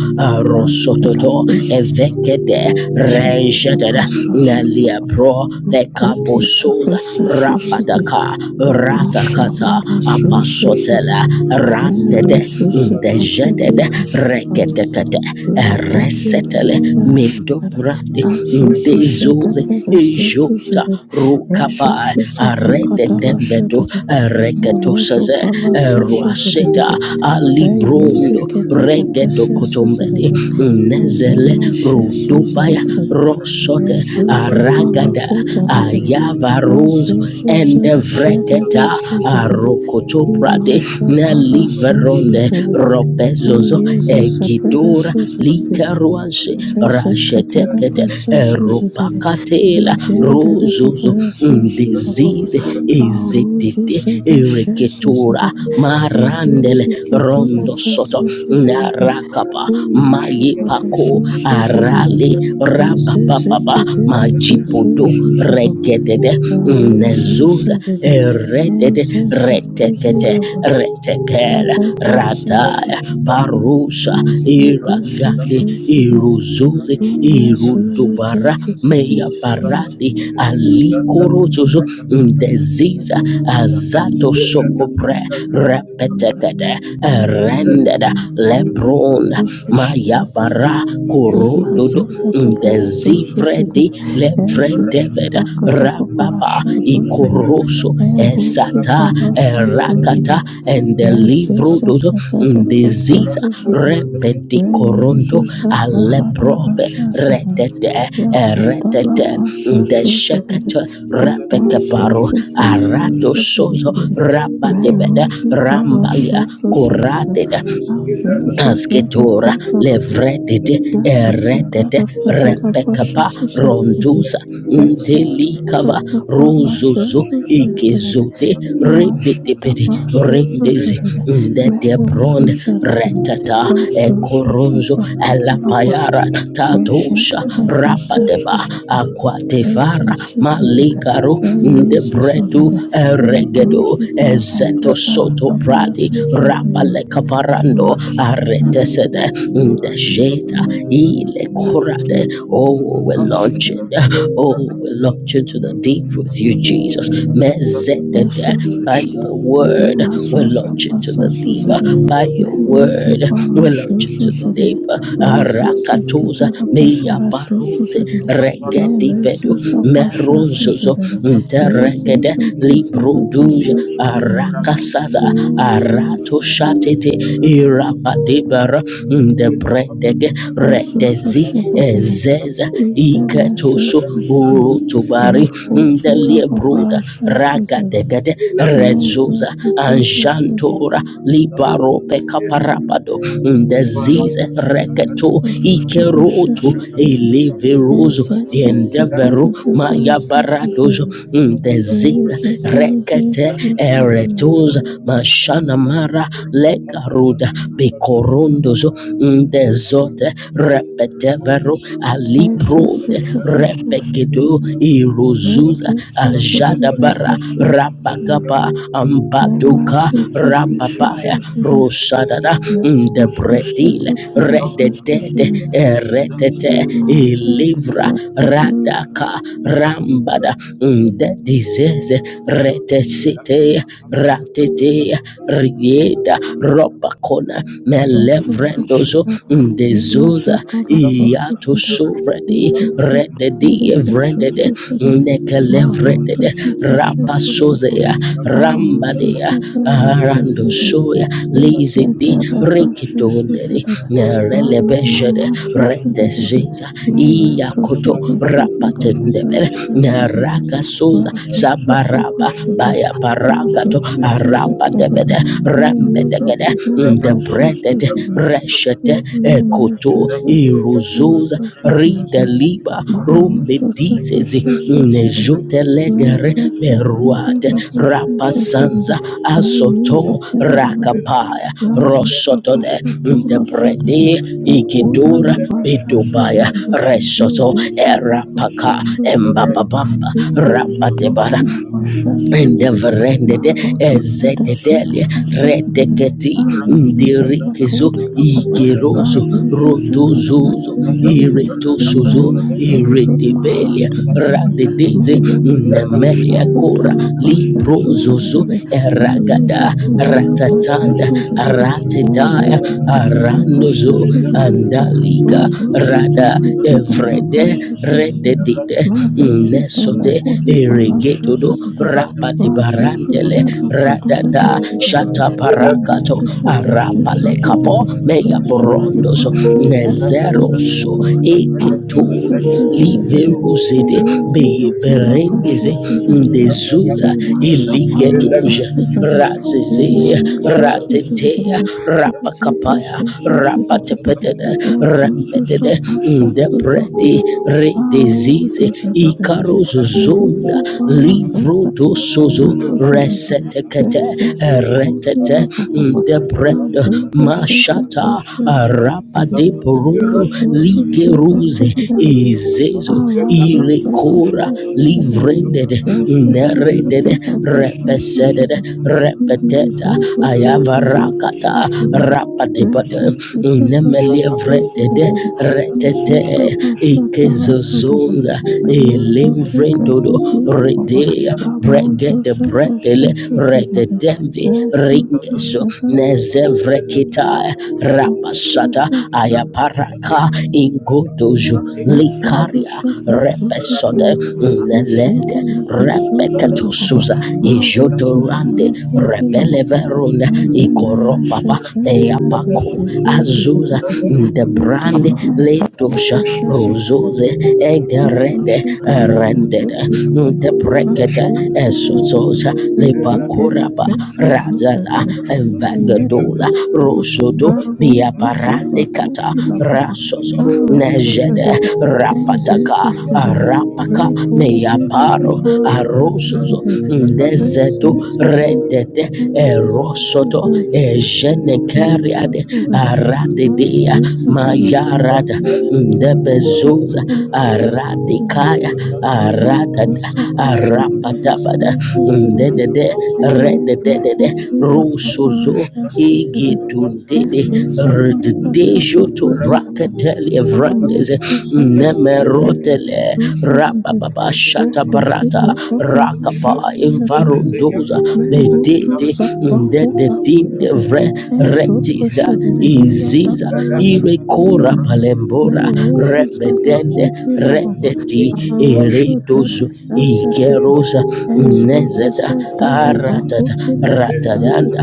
Speaker 1: rosototo
Speaker 2: sources
Speaker 1: evekede
Speaker 2: Shatala
Speaker 1: rejadada
Speaker 2: prasa
Speaker 1: nalia bro
Speaker 2: kuti la
Speaker 1: vekaposoza
Speaker 2: prasa susitere
Speaker 1: rapataka
Speaker 2: la
Speaker 1: ratakata
Speaker 2: shamba la
Speaker 1: apasotela
Speaker 2: susitere mero
Speaker 1: randede
Speaker 2: susi prakati
Speaker 1: ndejedede
Speaker 2: la shamba
Speaker 1: rekedekede
Speaker 2: we kuti la
Speaker 1: resetele
Speaker 2: prasa
Speaker 1: mindovrande
Speaker 2: anso sushata
Speaker 1: ndezoze
Speaker 2: pera
Speaker 1: ejota
Speaker 2: susitere resho
Speaker 1: rukapae
Speaker 2: susa prakata la
Speaker 1: arededenvedo
Speaker 2: shatere rozo
Speaker 1: reketosaze
Speaker 2: pala
Speaker 1: ruaseta
Speaker 2: susitere
Speaker 1: Ali
Speaker 2: re yesi
Speaker 1: Brundo
Speaker 2: kete la
Speaker 1: regedo
Speaker 2: prasa
Speaker 1: regedokotombeli
Speaker 2: susitere
Speaker 1: Nezele
Speaker 2: Zama
Speaker 1: Rudubaya Rosote
Speaker 2: Ezuzu
Speaker 1: Aragada
Speaker 2: falakuta lababa.
Speaker 1: Ayavarunzo
Speaker 2: Azuzu
Speaker 1: and
Speaker 2: zede shedebe
Speaker 1: Vreketa
Speaker 2: suzedede.
Speaker 1: Arokotoprade
Speaker 2: Imasha pala suzu
Speaker 1: Neliveronde
Speaker 2: zedede.
Speaker 1: Robezozo
Speaker 2: Eyeze sepere
Speaker 1: Egidora
Speaker 2: suzedede.
Speaker 1: Likaruanse
Speaker 2: Zeze ketere
Speaker 1: Rashetekete
Speaker 2: pese suzedede.
Speaker 1: Eropakatela
Speaker 2: Jendere
Speaker 1: Rozozo
Speaker 2: pepere suzu zababa.
Speaker 1: Disease
Speaker 2: Raruzu
Speaker 1: Ezedete
Speaker 2: zede shese
Speaker 1: Ereketura
Speaker 2: zedede.
Speaker 1: Marandele
Speaker 2: Eyeze ketere
Speaker 1: Rondo
Speaker 2: pese
Speaker 1: Soto
Speaker 2: suzedede.
Speaker 1: Narakapa papa
Speaker 2: Imasha
Speaker 1: maye
Speaker 2: pala
Speaker 1: pako
Speaker 2: suzu zedede.
Speaker 1: arale rapa papa
Speaker 2: Ezezekitede
Speaker 1: majipodo
Speaker 2: presusuzababa.
Speaker 1: regedede nezuza
Speaker 2: Aresusedede.
Speaker 1: eredede retekete
Speaker 2: Ezezekuzilababa.
Speaker 1: retekele
Speaker 2: Adabrasesus.
Speaker 1: rataya parusha iragande
Speaker 2: Ezebresesusedede.
Speaker 1: iruzuze irundubara meya
Speaker 2: Amesuzetekitepesusedede.
Speaker 1: paradi alikorozozo ndeziza azato sokopre repetekete rended lebron
Speaker 2: Susushada.
Speaker 1: mayabara korododo
Speaker 2: Imazuza
Speaker 1: ndezivredi
Speaker 2: paparasususedede.
Speaker 1: levrendeveda rababa
Speaker 2: Ezususakatapaparashazusedede.
Speaker 1: ikoroso esata erakata
Speaker 2: Erusuparashazusedede.
Speaker 1: endelivrododo
Speaker 2: Resisekatada
Speaker 1: ndiziza rebedikoronto
Speaker 2: Reyususa Prahadara
Speaker 1: aleprobe
Speaker 2: Shasadana
Speaker 1: retete
Speaker 2: Yakutala
Speaker 1: eretete
Speaker 2: Prasha Susadana
Speaker 1: ndeshekete
Speaker 2: Ima
Speaker 1: repekeparo
Speaker 2: Susi Prasu
Speaker 1: aradosozo
Speaker 2: Susadana
Speaker 1: rabadebede
Speaker 2: Merusu
Speaker 1: rambalia
Speaker 2: Palasha Susadana
Speaker 1: korateda
Speaker 2: Ayusu Sada
Speaker 1: Asketora
Speaker 2: Kutala
Speaker 1: levredede
Speaker 2: Yes,
Speaker 1: eredede repekapa ronduza ntelikava ruzuzu ikizude rebedebede rendezi ndedebron retata ekoronzo elapayara tadosha rabadeba akwatefara malikaro ndebredu regedo ezeto soto pradi rapale caparando kaparando aretesede ndejeta ile corade oh we're launching oh we're launching to the deep with you Jesus mezedede by your word we're
Speaker 2: Imasosa
Speaker 1: launching to
Speaker 2: pasa
Speaker 1: the deep
Speaker 2: susedere,
Speaker 1: by your
Speaker 2: merusu
Speaker 1: word
Speaker 2: pala
Speaker 1: we're
Speaker 2: şu
Speaker 1: launching to the
Speaker 2: susedere,
Speaker 1: deep
Speaker 2: resese
Speaker 1: Rakatoza
Speaker 2: katara
Speaker 1: meya
Speaker 2: paşara su
Speaker 1: barute
Speaker 2: susedere, e
Speaker 1: regedi vedu
Speaker 2: resusa paşa
Speaker 1: meronzozo
Speaker 2: susedere,
Speaker 1: nteregede
Speaker 2: resese kesede
Speaker 1: liproduja
Speaker 2: pesu susedere,
Speaker 1: arakasaza
Speaker 2: inamasu
Speaker 1: aratoshatete irabadebara ndebrendege
Speaker 2: esusu
Speaker 1: redezi
Speaker 2: şepapara,
Speaker 1: ezeza
Speaker 2: ise mese
Speaker 1: iketoso
Speaker 2: susedere,
Speaker 1: urutubari
Speaker 2: rekutira papa
Speaker 1: ndeliebruda
Speaker 2: aşa susedere,
Speaker 1: ragadegede
Speaker 2: resese
Speaker 1: redzoza
Speaker 2: kete pesu
Speaker 1: anjanto Ora libaro pekaparapado ndezize reketo ikeroto
Speaker 2: susedere,
Speaker 1: eleverozo
Speaker 2: Essa
Speaker 1: endevero
Speaker 2: secretada preparação
Speaker 1: mayabaradozo
Speaker 2: Suzana,
Speaker 1: ndezize
Speaker 2: resistir bem
Speaker 1: rekete
Speaker 2: Suzana,
Speaker 1: eretoza mashanamara lekaruda bekorondozo ndezote repetevero
Speaker 2: essa
Speaker 1: alipronde
Speaker 2: sussa pachacha,
Speaker 1: repegedo irozuza
Speaker 2: resistir que tudo
Speaker 1: Jadabara
Speaker 2: bicho Suzana,
Speaker 1: Rapakapa
Speaker 2: é uma
Speaker 1: Ambatuka
Speaker 2: sussa bicho
Speaker 1: Rapapaya
Speaker 2: Suzana,
Speaker 1: Rosadada
Speaker 2: essa sussa da
Speaker 1: Debredile
Speaker 2: preparação Suzana,
Speaker 1: Rededede
Speaker 2: e
Speaker 1: Eretete
Speaker 2: uma
Speaker 1: Ilivra
Speaker 2: chata
Speaker 1: Radaka Rambada The disease Retesite Ratete Rieda Robacona
Speaker 2: Thank
Speaker 1: Melevrendozo the Zosa i Yato sovredi rededi vrendede nekelevredede rapasozea rambadea arandosoya lizidi rikitoneri nerelebeshede reteziza iyakoto rapatendebele
Speaker 2: you.
Speaker 1: nerakasoza
Speaker 2: Rasu
Speaker 1: zabaraba
Speaker 2: susakushada,
Speaker 1: baya
Speaker 2: rasu
Speaker 1: bayabarakato
Speaker 2: susada kadada,
Speaker 1: arapadebede rembede
Speaker 2: eyeza
Speaker 1: regede
Speaker 2: kadada
Speaker 1: the
Speaker 2: pasha
Speaker 1: breaded
Speaker 2: susada,
Speaker 1: reshete
Speaker 2: ine mesa
Speaker 1: ekoto
Speaker 2: susada,
Speaker 1: iruzoza
Speaker 2: rasu susada,
Speaker 1: rida liba
Speaker 2: mahu
Speaker 1: rumbe dizezi
Speaker 2: susapasha susada.
Speaker 1: nejote legere
Speaker 2: Rasa sakata
Speaker 1: beruate
Speaker 2: rabusha sasudade.
Speaker 1: rapasanza
Speaker 2: Meri
Speaker 1: asoto
Speaker 2: zekenda rabade.
Speaker 1: rakapaya
Speaker 2: Razu
Speaker 1: rosotole ndebrede ikidora, bedubaya resoto erapaka embababamba rapatebara Endeverendede ezededelia redeketi ndirikizo igerozo
Speaker 2: Susanna
Speaker 1: rodozozo
Speaker 2: Susan in the
Speaker 1: iretosozo
Speaker 2: Mazuzu
Speaker 1: iredebelia
Speaker 2: Mahanta
Speaker 1: radedeze
Speaker 2: Meruzu Pasha
Speaker 1: nemelia
Speaker 2: Huda
Speaker 1: kora
Speaker 2: La Pasha
Speaker 1: liprozozo
Speaker 2: Susadada
Speaker 1: eragada
Speaker 2: Elizakadala Pasha
Speaker 1: ratatanda
Speaker 2: Susadada
Speaker 1: ratetaya
Speaker 2: Rayizakadala Pasha
Speaker 1: arandozo
Speaker 2: Susadada
Speaker 1: andalika
Speaker 2: Razu
Speaker 1: rada
Speaker 2: Susana Kadala
Speaker 1: evrede
Speaker 2: Pasha Susadada
Speaker 1: rededide
Speaker 2: Marisi
Speaker 1: Neso
Speaker 2: Sala
Speaker 1: sote
Speaker 2: Kodi Palasha
Speaker 1: iregetudu
Speaker 2: Sadada
Speaker 1: rapati
Speaker 2: Razu
Speaker 1: barandele
Speaker 2: Susana
Speaker 1: radada
Speaker 2: Kadada
Speaker 1: shata parakato
Speaker 2: Elisa Pasha
Speaker 1: arapale kapo
Speaker 2: Susadada
Speaker 1: meya
Speaker 2: Razu
Speaker 1: borondoso
Speaker 2: Pasha
Speaker 1: nezeroso
Speaker 2: Kodi
Speaker 1: eketuri
Speaker 2: Azusa
Speaker 1: liverusede
Speaker 2: Yezika chala pasha
Speaker 1: beyeberendeze
Speaker 2: suzalakada.
Speaker 1: ndezuza
Speaker 2: Ima shapala sa
Speaker 1: iligeduja
Speaker 2: suzalakada. Ime
Speaker 1: razeze
Speaker 2: meso
Speaker 1: ratetea
Speaker 2: suzalakada. Yeze
Speaker 1: rapakapaya
Speaker 2: pasha suzalakada.
Speaker 1: rapatepetede
Speaker 2: Yeso susa
Speaker 1: rembetede
Speaker 2: pasha suzalakada.
Speaker 1: ndebredi re
Speaker 2: Aro
Speaker 1: disease
Speaker 2: suzalakada.
Speaker 1: ikarozo zonda
Speaker 2: Merutsu
Speaker 1: livro ikarozozonda
Speaker 2: pala kasa
Speaker 1: livrodosozo
Speaker 2: suzalakada.
Speaker 1: resetekete
Speaker 2: Yese se kuzi
Speaker 1: retete
Speaker 2: la papapa.
Speaker 1: debred
Speaker 2: Azo suzalakada
Speaker 1: mashata
Speaker 2: pasha suzalakada.
Speaker 1: rapadeborondo
Speaker 2: Yeso
Speaker 1: ligeruze
Speaker 2: suzalakada.
Speaker 1: ezezo
Speaker 2: Arousal
Speaker 1: irekora
Speaker 2: precious said
Speaker 1: livrended
Speaker 2: versus
Speaker 1: nereded
Speaker 2: Septuagint precious
Speaker 1: repeseded
Speaker 2: said
Speaker 1: repeteta
Speaker 2: Mizuzu Bakadal
Speaker 1: ayavarakata
Speaker 2: said
Speaker 1: rapadebada
Speaker 2: versus precious
Speaker 1: nemelievreded
Speaker 2: said
Speaker 1: retete
Speaker 2: Misusa Pashatala said
Speaker 1: ikezozonza
Speaker 2: Meruzu
Speaker 1: ilimvrindodo
Speaker 2: Bracketed Papa
Speaker 1: redea
Speaker 2: Ramozu
Speaker 1: bregede bredele
Speaker 2: precious
Speaker 1: retetemvi
Speaker 2: said versus
Speaker 1: ringezo nezevrekitaya rapasata
Speaker 2: said
Speaker 1: ayaparaka ingodojo likaria
Speaker 2: Resources,
Speaker 1: repesode
Speaker 2: resources, ishite
Speaker 1: nelede
Speaker 2: la resources papa,
Speaker 1: repeketosuza
Speaker 2: marusus
Speaker 1: ijodorande
Speaker 2: la kodi la papa,
Speaker 1: rebeleverunda
Speaker 2: ezana
Speaker 1: ikoropapa
Speaker 2: mashasa la
Speaker 1: eyapako
Speaker 2: resources,
Speaker 1: Azusa the
Speaker 2: retela
Speaker 1: brand
Speaker 2: masasa
Speaker 1: Letosha
Speaker 2: mashasa resources shite la
Speaker 1: Rosose Egerede
Speaker 2: resources
Speaker 1: Rendede
Speaker 2: papa,
Speaker 1: the Brekete
Speaker 2: mashusus la
Speaker 1: Esososa
Speaker 2: rekete la
Speaker 1: Lepakoraba
Speaker 2: resources
Speaker 1: Razaza
Speaker 2: Yes,
Speaker 1: Vagadola
Speaker 2: Papa.
Speaker 1: Rosodo
Speaker 2: Bravo, Joseph, I
Speaker 1: Biaparande
Speaker 2: thought
Speaker 1: Kata
Speaker 2: you love Papa.
Speaker 1: Rasoso
Speaker 2: Bravo, Joseph,
Speaker 1: Nejede
Speaker 2: yes, yes,
Speaker 1: Rapataka
Speaker 2: yes, yes.
Speaker 1: Arapaka
Speaker 2: Bravo, you love
Speaker 1: Meaparo
Speaker 2: Papa. Yes, yes,
Speaker 1: Arosozo
Speaker 2: yes. Yes,
Speaker 1: Deseto
Speaker 2: yes, yes, yes.
Speaker 1: Redete
Speaker 2: Yes, yes, yes,
Speaker 1: Erosoto
Speaker 2: yes.
Speaker 1: e
Speaker 2: Yes, yes,
Speaker 1: Jenekariade
Speaker 2: yes, yes. Yes, yes, yes, yes. Yes, yes, yes, yes. Yes, yes, yes,
Speaker 1: Aradidea Mayarada Ndebezoza Aradikaya Aradada
Speaker 2: yes. Yes,
Speaker 1: Arapatabada
Speaker 2: yes, yes, yes.
Speaker 1: Ndedede Rededede
Speaker 2: Eyebrakuti
Speaker 1: Rusozo
Speaker 2: lapaparasha susadada.
Speaker 1: Igidundede Rededesho to
Speaker 2: Esusapashatalakuti lapapa.
Speaker 1: Bracatelli Evrandes
Speaker 2: Alukusadada
Speaker 1: Nemerotele
Speaker 2: esusuzadada.
Speaker 1: Rabababa
Speaker 2: Rekuti
Speaker 1: Shatabarata
Speaker 2: lapaparasha
Speaker 1: Rakapa
Speaker 2: susadada.
Speaker 1: Invarondoza bede
Speaker 2: Meruzu
Speaker 1: dede de
Speaker 2: Sarahu
Speaker 1: de dinde
Speaker 2: Dabada,
Speaker 1: vre
Speaker 2: Esu
Speaker 1: retiza
Speaker 2: Pushedere, Hia
Speaker 1: iziza
Speaker 2: Dabala
Speaker 1: irekora
Speaker 2: Sadizere,
Speaker 1: palembora
Speaker 2: Meruzu
Speaker 1: rebedende
Speaker 2: Sarakuti Lavaba,
Speaker 1: redeti
Speaker 2: Arushu
Speaker 1: eredozo
Speaker 2: Dela Sasasere,
Speaker 1: ikerosa
Speaker 2: Ezuzu
Speaker 1: nezeta
Speaker 2: Sadela
Speaker 1: aratata
Speaker 2: Brakuti Lavazere,
Speaker 1: ratadanda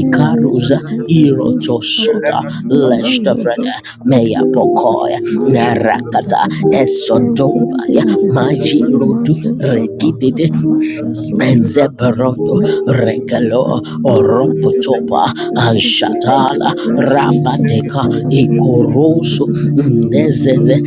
Speaker 2: and Meluzu Sarrahulalazada
Speaker 1: irotosota leshtafreda
Speaker 2: Ezutushinerehiyadabalasazizerere
Speaker 1: meyapokoya
Speaker 2: Meluzuzalakutilavava Arushutelasesesezere Ezuzusetelebrakutilavazazerere Eyezizelezususavava Imuzuzulukutilavava
Speaker 1: narakata
Speaker 2: Mashadadadadada
Speaker 1: esodomba ya,
Speaker 2: Enkundilerere
Speaker 1: majirodu regidede
Speaker 2: Imazuzavakadalashasus
Speaker 1: Benzeberodo
Speaker 2: Russia,
Speaker 1: Regalo Oropotopa Anshatala Rabadeka Ikoroso Nezeze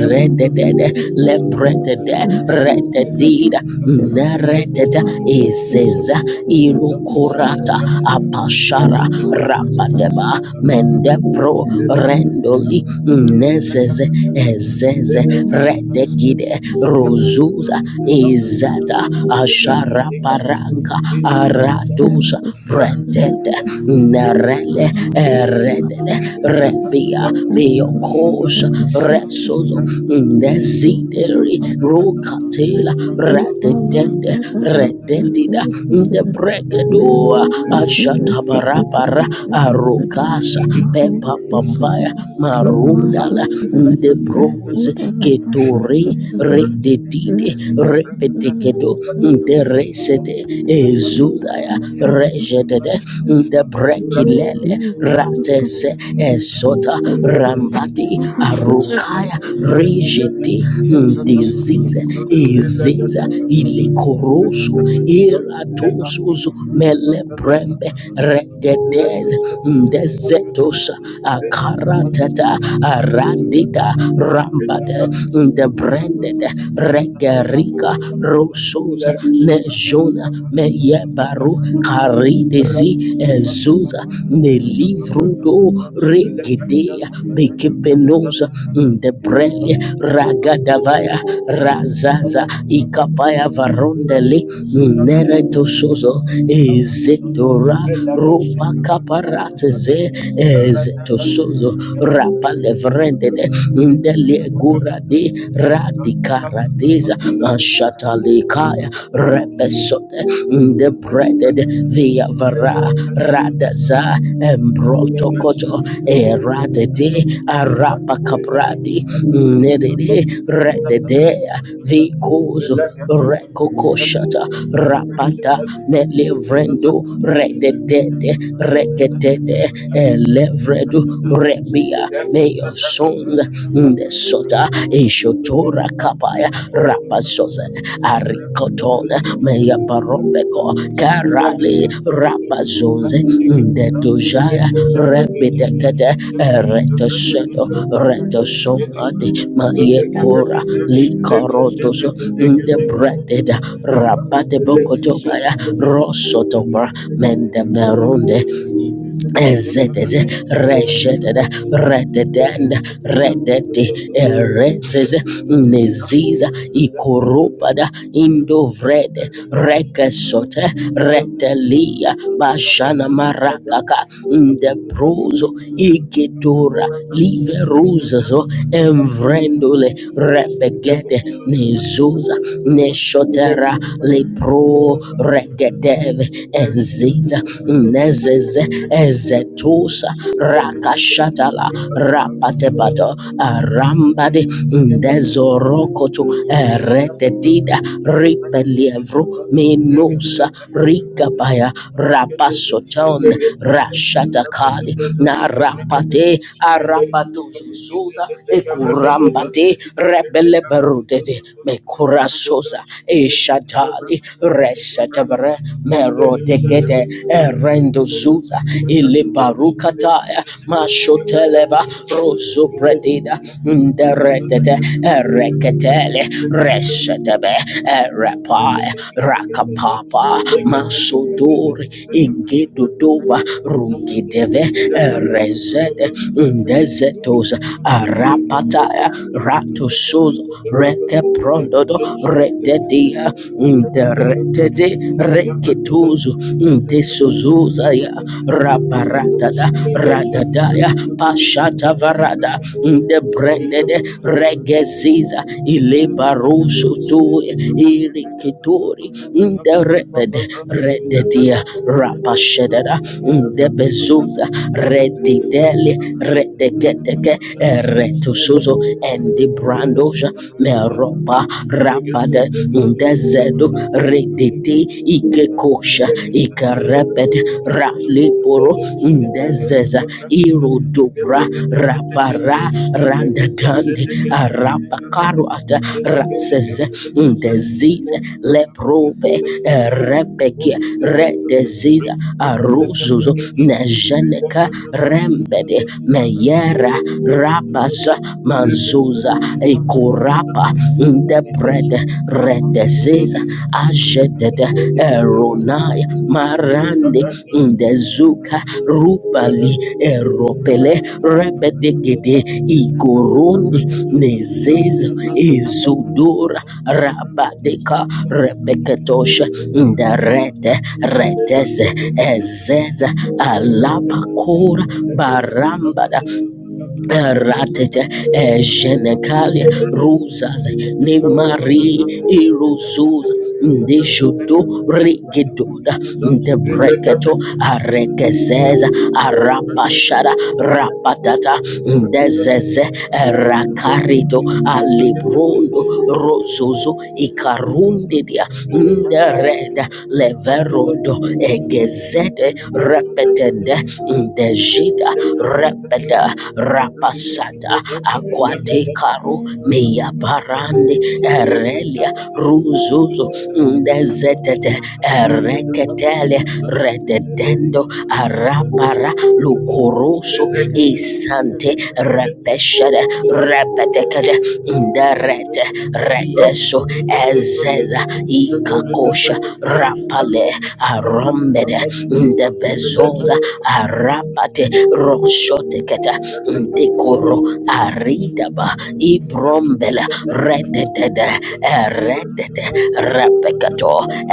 Speaker 1: redede Lebredede Rededida Nerededa Iseza Irukurata Apashara Rabadeba Mendepro Rendoli Nezeze Ezeze redegide rozuza izata ashara asharaparanka aradusa brentete nerele eredene rebia biokosha resozo nesideri rukatela
Speaker 2: Impala
Speaker 1: rededende
Speaker 2: Father loves the
Speaker 1: rededida
Speaker 2: services Meru
Speaker 1: ndebregedua
Speaker 2: Susan Kitty
Speaker 1: ashatabarapara
Speaker 2: Precious
Speaker 1: arukasa
Speaker 2: Maru
Speaker 1: pepa pambaya
Speaker 2: Susababa Ima
Speaker 1: marundala
Speaker 2: Susan
Speaker 1: de bros
Speaker 2: Rehuda La Pasha
Speaker 1: ketore
Speaker 2: Susan
Speaker 1: rededide
Speaker 2: Rest Susan
Speaker 1: repetekedo de resete ezuzaya
Speaker 2: Ashes
Speaker 1: rejedede
Speaker 2: Precious
Speaker 1: de brekilele
Speaker 2: Meru Susababa
Speaker 1: ratese esota rambati arukaya rejede
Speaker 2: Susan
Speaker 1: dizize
Speaker 2: Rest
Speaker 1: ezeza ilekoroso iratosozo mele brembe regedez ndezetos akaratata aradida rambade ndebrended regerika rosoza nejona meyebaru karidezi ezuza nelivrudo regedea bekepenoza ndebrele ragadavaya razaza ikapa. Kapaya Varondeli Nereto Sozo Ezetora Rupa Kaparatze Ezeto Sozo Rapa Levrendede Ndeli Gura Di Radikaradeza Mashatalikaya Repesode Ndebreded Via Vara Radaza Embrotokoto Eradede Arapa Kapradi Nedede Rededea Vikozo Rekokoshata Rapata Melevrendo Rededede Rekedede Elevredu Rebia. May your sons, in the Sota Ishotora Kapaya Rapasoze Arikotona Meya Parobeko Karali Rapazonze Ndedojaya Rebidekede Eretoseto Retosonade Mayekora Likorotoso Ndebrededa Rabade Bokotobaya Rosotobra Mendeverunde Ezedes, resheted, rededend, rededi, erezes, neziza, ikorupada, indovred, rekesote, retelia, bashana marakaka, ndebruzo, igitura, liveruzozo, emvrendule, rebegede, nezuza, neshotera, lepro, regedeve, enziza, nezeze ezetusa rakashatala rapatebado arambade ndezorokoto eretetida ripelievro menusa rikabaya rapasoton rashatakali narapate arapatuzuzuza ekurambate rebeleberudede mekurasoza eshatali resetebre merodegede erendozuza ilibarukataya mash shoteleba rosu pretida nderetete ereketele resetebe erepai rakapapa masuduri ingiduduba rungideve erezede ndezetoza arapataya ratusuzo rekeprondodo rededia nderetete reketuzu ndesu Zuzaya Raparadada Radadaya Pashata Varada De Brendede Regeziza Ilebarusu Tue Irikitori De Repede Rededia Rapashedada De Bezuza Redidele Redegeteke Eretusuzo Endi Brandosha Meropa Rapade De zed Ikekondo Redete Ikekosha Ikarepet Raliporo Ndezeza Irodobra Rapara Randatande Arapakaruata Raseze Ndeziza Leprobe Rebekia Redeziza Aruzuzo Nejeneka Rembede Meyera Rabasa Mazuza ik Kurapa Ndebred Redezeza Ajedede Eronai Marande Ndezuka Rupali Eropele Rebedegede Igorondi Nezezo Izudura Rabadeka Rebeketosha Nderete Reteze Ezeza Alapakora Barambada Ratete eh, Genekalia Ruzas Nemari Iruzuz Ndeshoto Regedoda Ndebreketo Arekeseza Arapashara Rapatata Ndezeze eh, Rakarito Alibrondo Rozozo Ikarundidia Ndereda Leverodo egeze Regede Repetende Dejida Repeda Rapasada Aquate Caro Mia Barande Erelia Ruzuzo Dezetete Ereketele Rededendo Arapara Lucoroso Isante Repeshede Repetecade Derete Reteso Ez zeza ikakosha rapale arombede ndebezoza arapate roshoteketa ndikoro aridaba ibrombele rededede eredede repekato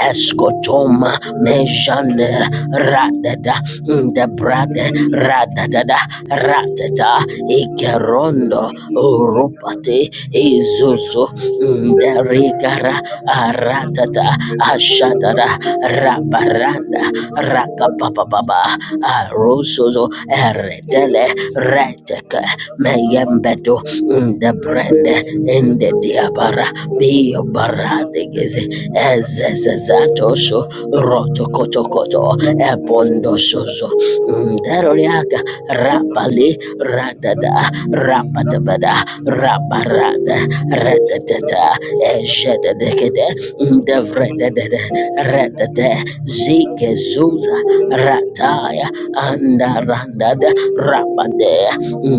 Speaker 1: eskotoma mejaner radada ndebrade radadada rateta ikerondo Elo Rupate Izuzu Derigara Aratata Ashadara Rabaranda Rakapapababa Arusuzo Eretele Reteke Meyembedu the brand in the diabara biobaradigize ezezezatoso Ebondo, ebondosozo Daroliaga Rapali Radada Rapatabada Raparada Ratatata Eshadadekede Devredadada Ratate Zike Zuza Rataya Andarandada Rapadea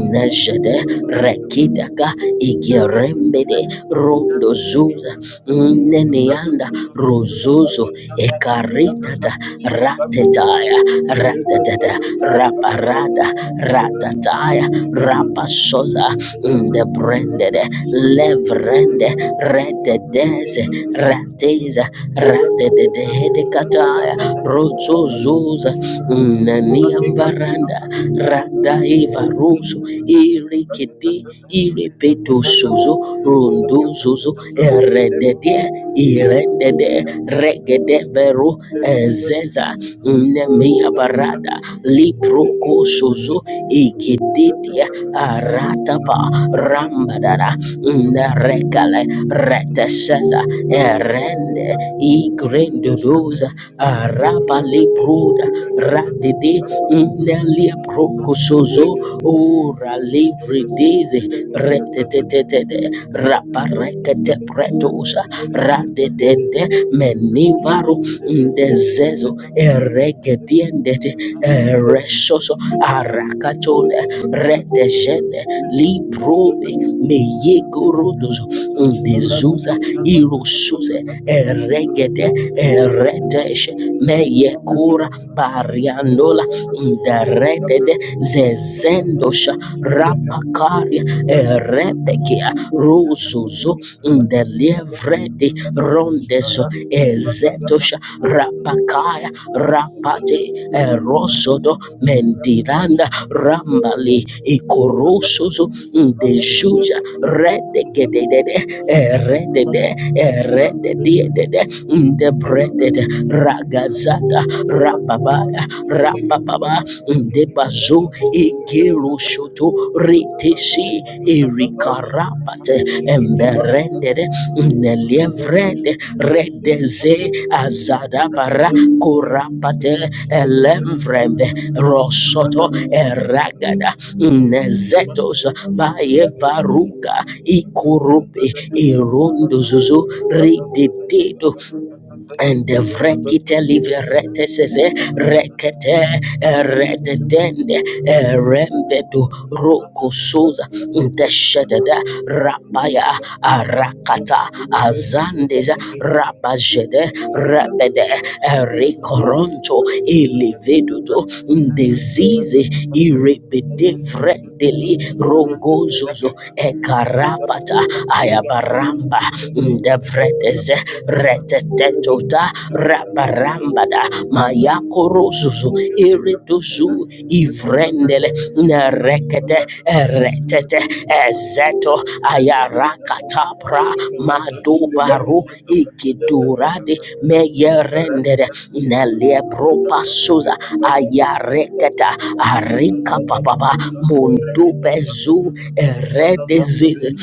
Speaker 1: Neshede Rekidaka Igerembede Rondo Zuza Nene lianda ruzuzu ekaritata ratetaya ratatata raparada ratataya rapasoza ndebrendede levrende rededeze rateza ratededehedekataya ruzuzuza naniambaranda radaiva Rosu ir irekete irepeto sozo rondo zozo eredede irendede regede vero ezeza nemia barada liproko sozo ikedetia aratapa rambadara nerekale reteseza erende igrendodoza araba malebroda radede nelia prokosozo ora livre livrideze retetetete raparekete pretosa radedende menivaro ndezezo eregediendete eresoso arakatole retejene librode meyegorodozo Undizuza irusuze eregede eredesh meyekura bariandola nderedede zezendosha rapakaria erebekia ruzuzo ndelivredi rondeso ezetosha rapakaya rapate erosodo mendiranda rambali ikorusuzo Mm, de juja rede gedede rede de rede de dede de brede de ragazada rababa rababa de bazo ikero shoto retesi erikarabate emberende de nelevrede redeze azada para korabate elemvrende rosoto eragada Nezetos Bayevaruka Ikorupe Irondo Zuzu Rididido and the Vrekite Liveretesese Rekete Redetende Rembedo Roko Sosa Deshedede Rapaya Arakata Azandeza Rabajede Rabede Erikoronto Ilivedudo Disease irepede Vredeli Rogozozo Ekarafata Ayabaramba Devredeze Retetetota Rabarambada mayakorozo zuzu iriduzu ivrendele nerekete eretete ezeto ayarakatapra madubaru ikidurade meyerendere nelepropasoza ayareketa arikapapapa mundubezu eredezize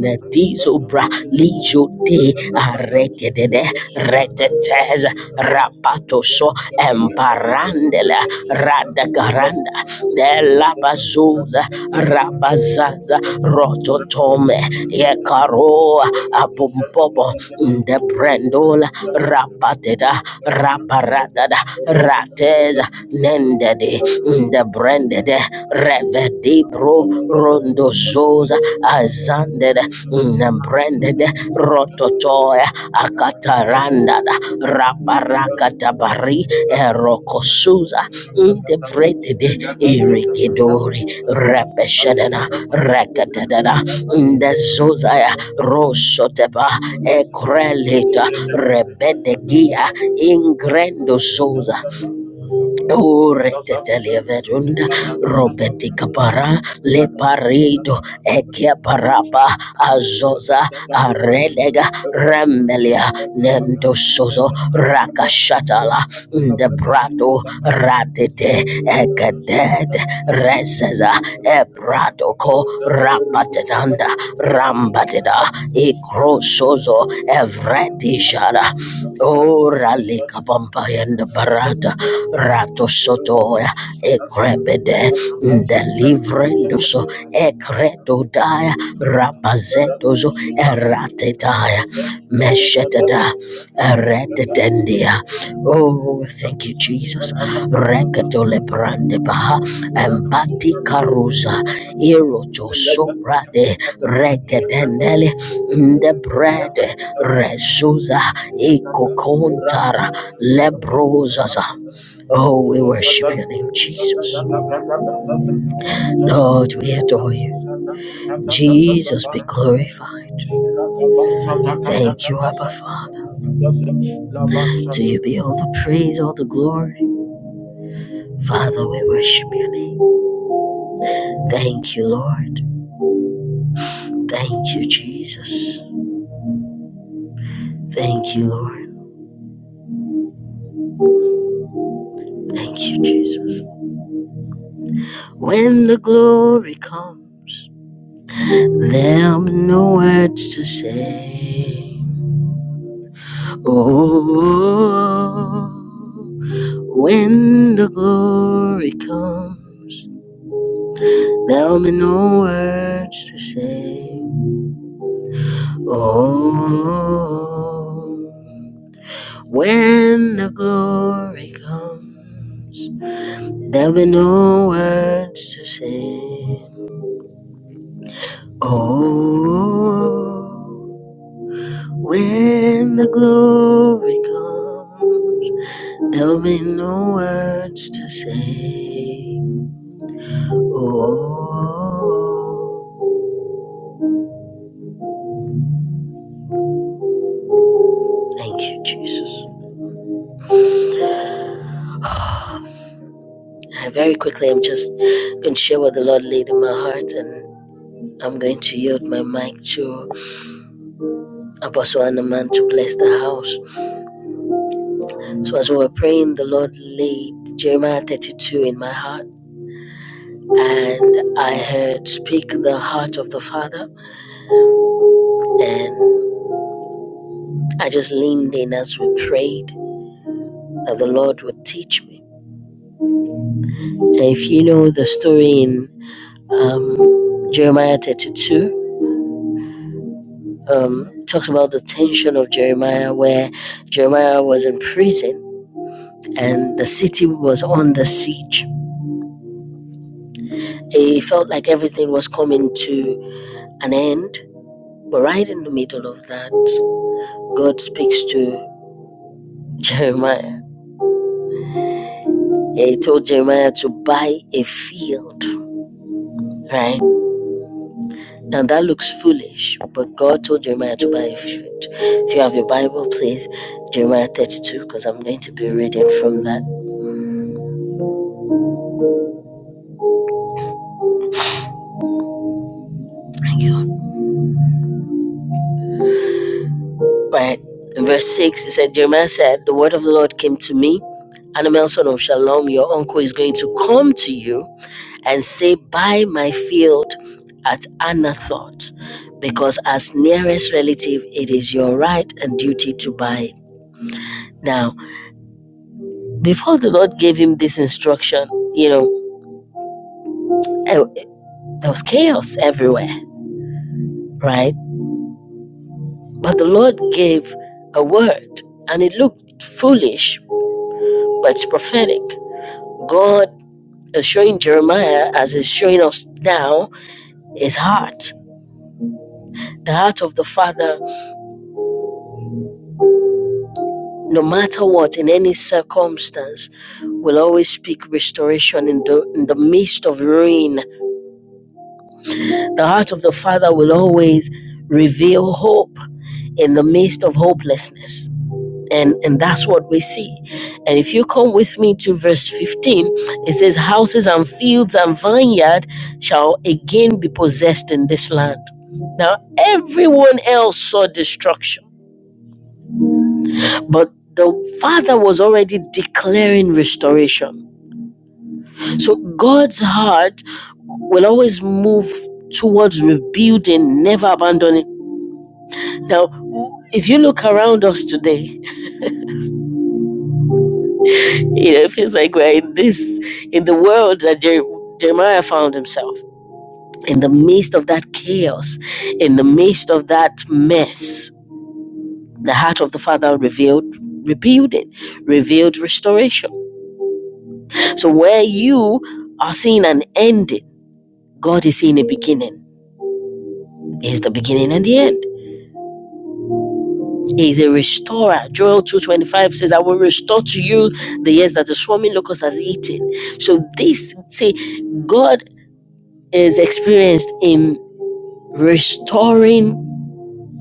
Speaker 1: netizo bra lijo de Aregedede retetez rapatoso emparandela radagaranda delabazuza rabazaza rototome yekaroa abumbobo ndebrendola rapateda raparadada rateza nendede ndebrendede revedibro rondo soza azanded nembrended rototoya akatarandada rabarakatabari erokosuza ndevredede irikidori repeshenena rekatedada ndezozaya rosotepa ekrelita rebedegia ingrendosoza Uretetelia verunda, Robeti capara, leparido, ekiaparapa, azoza, arelega, remelia, nendosozo, rakashatala, ndebrado, radete, ekadete, reseza, ebrado Yoko Rapatedanda Rambadeda Igrosozo Evredijada Ora Lika Pampayanda Barada Rato Sotoya Egrebede Delivrendoso Ekredodaya Rapazedozo Eratetaya Meshetada Redendia. Oh, thank you, Jesus. Recatole brande baha empati carusa eroto sopra de recadendele the bread resuza ecocontara lebrosaza. Oh, we worship your name, Jesus. Lord, we adore you. Jesus, be glorified. Thank you, Abba Father. To you be all the praise, all the glory. Father, we worship your name. Thank you, Lord. Thank you, Jesus. Thank you, Lord. Thank you, Jesus. When the glory comes, there'll be no words to say. Oh, when the glory comes, there'll be no words to say. Oh. When the glory comes, there'll be no words to sing. Oh, when the glory comes, there'll be no words to say. Oh, thank you, Jesus. I very quickly, I'm just going to share what the Lord laid in my heart, and I'm going to yield my mic to Apostle Anaman to bless the house. So as we were praying, the Lord laid Jeremiah 32 in my heart, and I heard speak the heart of the Father, and I just leaned in as we prayed that the Lord would teach me. And if you know the story in um, Jeremiah 32, um, it talks about the tension of Jeremiah, where Jeremiah was in prison and the city was under siege. It felt like everything was coming to an end But right in the middle of that, God speaks to Jeremiah. Yeah, he told Jeremiah to buy a field, right? And that looks foolish, but God told Jeremiah to buy a field. If you have your Bible, please, Jeremiah 32, because I'm going to be reading from that. Bring it up. Right. In verse 6, it said, Jeremiah said, The word of the Lord came to me. Animal son of Shalom, your uncle is going to come to you and say, Buy my field at Anathoth, because as nearest relative, it is your right and duty to buy it. Now, before the Lord gave him this instruction, you know, eh, there was chaos everywhere, right? But the Lord gave a word, and it looked foolish, but it's prophetic. God is showing Jeremiah, as is showing us now, his heart, the heart of the Father no matter what, in any circumstance, will always speak restoration in the in the midst of ruin. The heart of the Father will always reveal hope in the midst of hopelessness. And, and that's what we see. And if you come with me to verse 15, it says, Houses and fields and vineyard shall again be possessed in this land. Now, everyone else saw destruction, but the Father was already declaring restoration. So God's heart will always move towards rebuilding, never abandoning. Now, if you look around us today, you know, it feels like we're in this in the world that Jeremiah found himself. In the midst of that chaos, in the midst of that mess, the heart of the Father revealed rebuilding, revealed restoration. So where you are seeing an ending, God is seeing a beginning. Is the beginning and the end. is a restorer. Joel 2.25 says, I will restore to you the years that the swarming locust has eaten. So this, see, God is experienced in restoring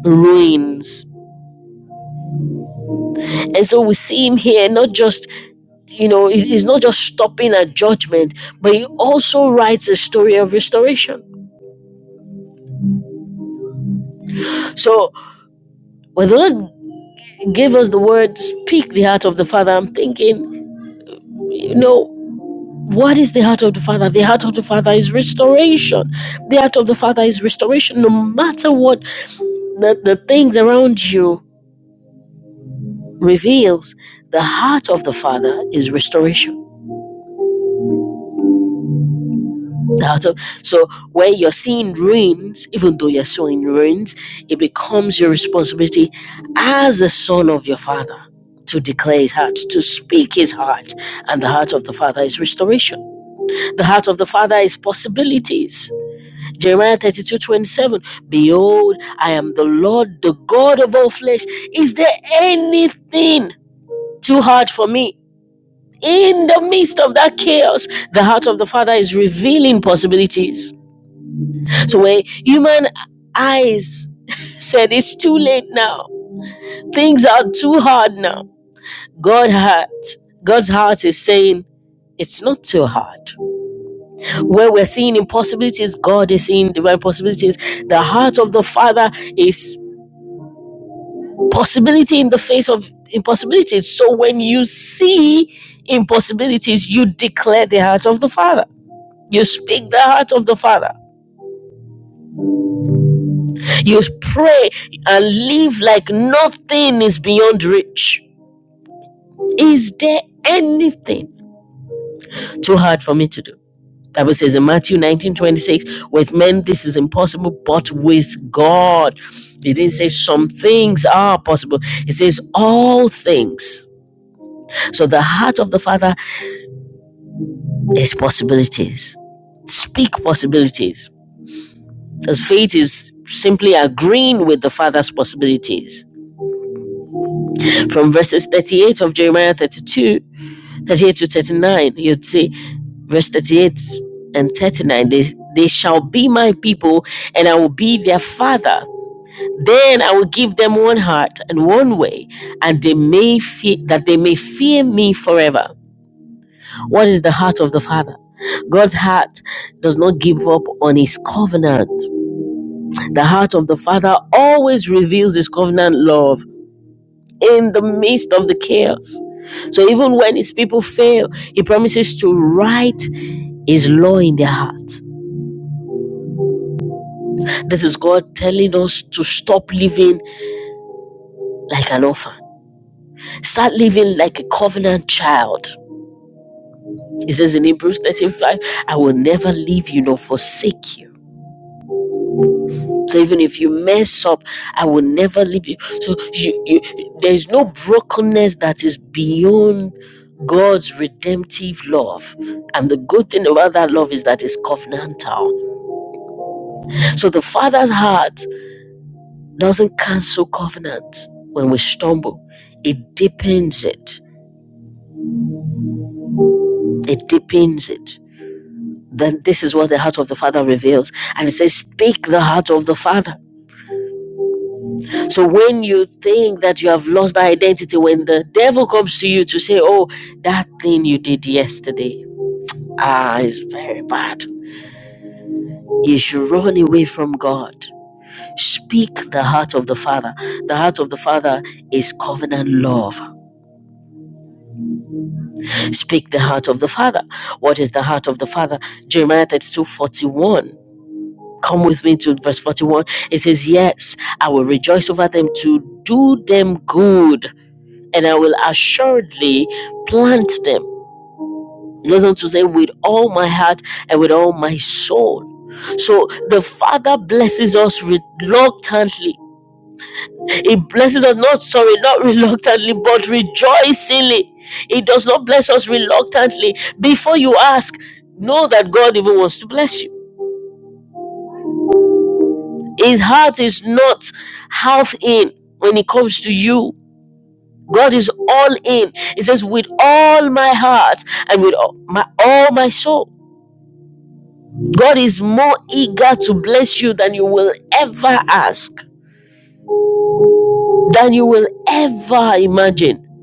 Speaker 1: ruins. And so we see him here, not just, you know, he- he's not just stopping at judgment, but he also writes a story of restoration. So when the Lord gave us the word, speak the heart of the Father, I'm thinking, you know, What is the heart of the Father? The heart of the Father is restoration. The heart of the Father is restoration. No matter what the, the things around you reveals, the heart of the Father is restoration. The heart of so when you're seeing ruins, even though you're sowing ruins, it becomes your responsibility as a son of your father to declare his heart, to speak his heart. And the heart of the Father is restoration. The heart of the Father is possibilities. Jeremiah 32 27. Behold, I am the Lord, the God of all flesh. Is there anything too hard for me? In the midst of that chaos, the heart of the Father is revealing possibilities. So, where human eyes said, It's too late now, things are too hard now, God heart, God's heart is saying, It's not too hard. Where we're seeing impossibilities, God is seeing divine possibilities. The heart of the Father is possibility in the face of impossibilities. So when you see impossibilities, you declare the heart of the Father. You speak the heart of the Father. You pray and live like nothing is beyond reach. Is there anything too hard for me to do? Bible says in Matthew 19 26, with men this is impossible, but with God. It didn't say some things are possible, it says all things. So the heart of the Father is possibilities. Speak possibilities. Because faith is simply agreeing with the Father's possibilities. From verses 38 of Jeremiah 32, 38 to 39, you'd see verse 38 and 39 they, they shall be my people, and I will be their Father. Then I will give them one heart and one way, and they may fear, that they may fear me forever. What is the heart of the Father? God's heart does not give up on his covenant. The heart of the Father always reveals his covenant love in the midst of the chaos. So even when his people fail, he promises to write his law in their hearts. This is God telling us to stop living like an orphan. Start living like a covenant child. He says in Hebrews 13:5, I will never leave you nor forsake you. So even if you mess up, I will never leave you. So you, you, there is no brokenness that is beyond God's redemptive love. And the good thing about that love is that it's covenantal. So the Father's heart doesn't cancel covenant when we stumble. It deepens it. It deepens it. Then this is what the heart of the Father reveals. And it says, Speak the heart of the Father. So when you think that you have lost that identity, when the devil comes to you to say, Oh, that thing you did yesterday, ah, is very bad. You should run away from God. Speak the heart of the Father. The heart of the Father is covenant love. Speak the heart of the Father. What is the heart of the Father? Jeremiah 32 41. Come with me to verse 41. It says, Yes, I will rejoice over them to do them good and I will assuredly plant them. He goes on to say, with all my heart and with all my soul. So the Father blesses us reluctantly. He blesses us not sorry, not reluctantly, but rejoicingly. He does not bless us reluctantly. Before you ask, know that God even wants to bless you. His heart is not half in when it comes to you. God is all in. He says, with all my heart and with all my, all my soul. God is more eager to bless you than you will ever ask, than you will ever imagine.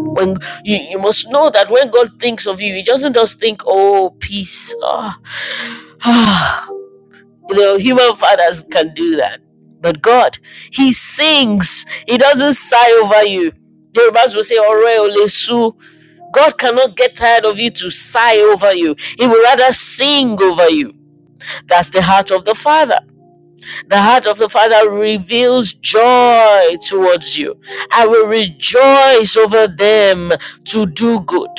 Speaker 1: When you, you must know that when God thinks of you, He doesn't just think, oh, peace. Ah, ah. You know, human fathers can do that. But God, He sings. He doesn't sigh over you. Yorubas will say, Ore ole God cannot get tired of you to sigh over you. He will rather sing over you. That's the heart of the Father. The heart of the Father reveals joy towards you. I will rejoice over them to do good.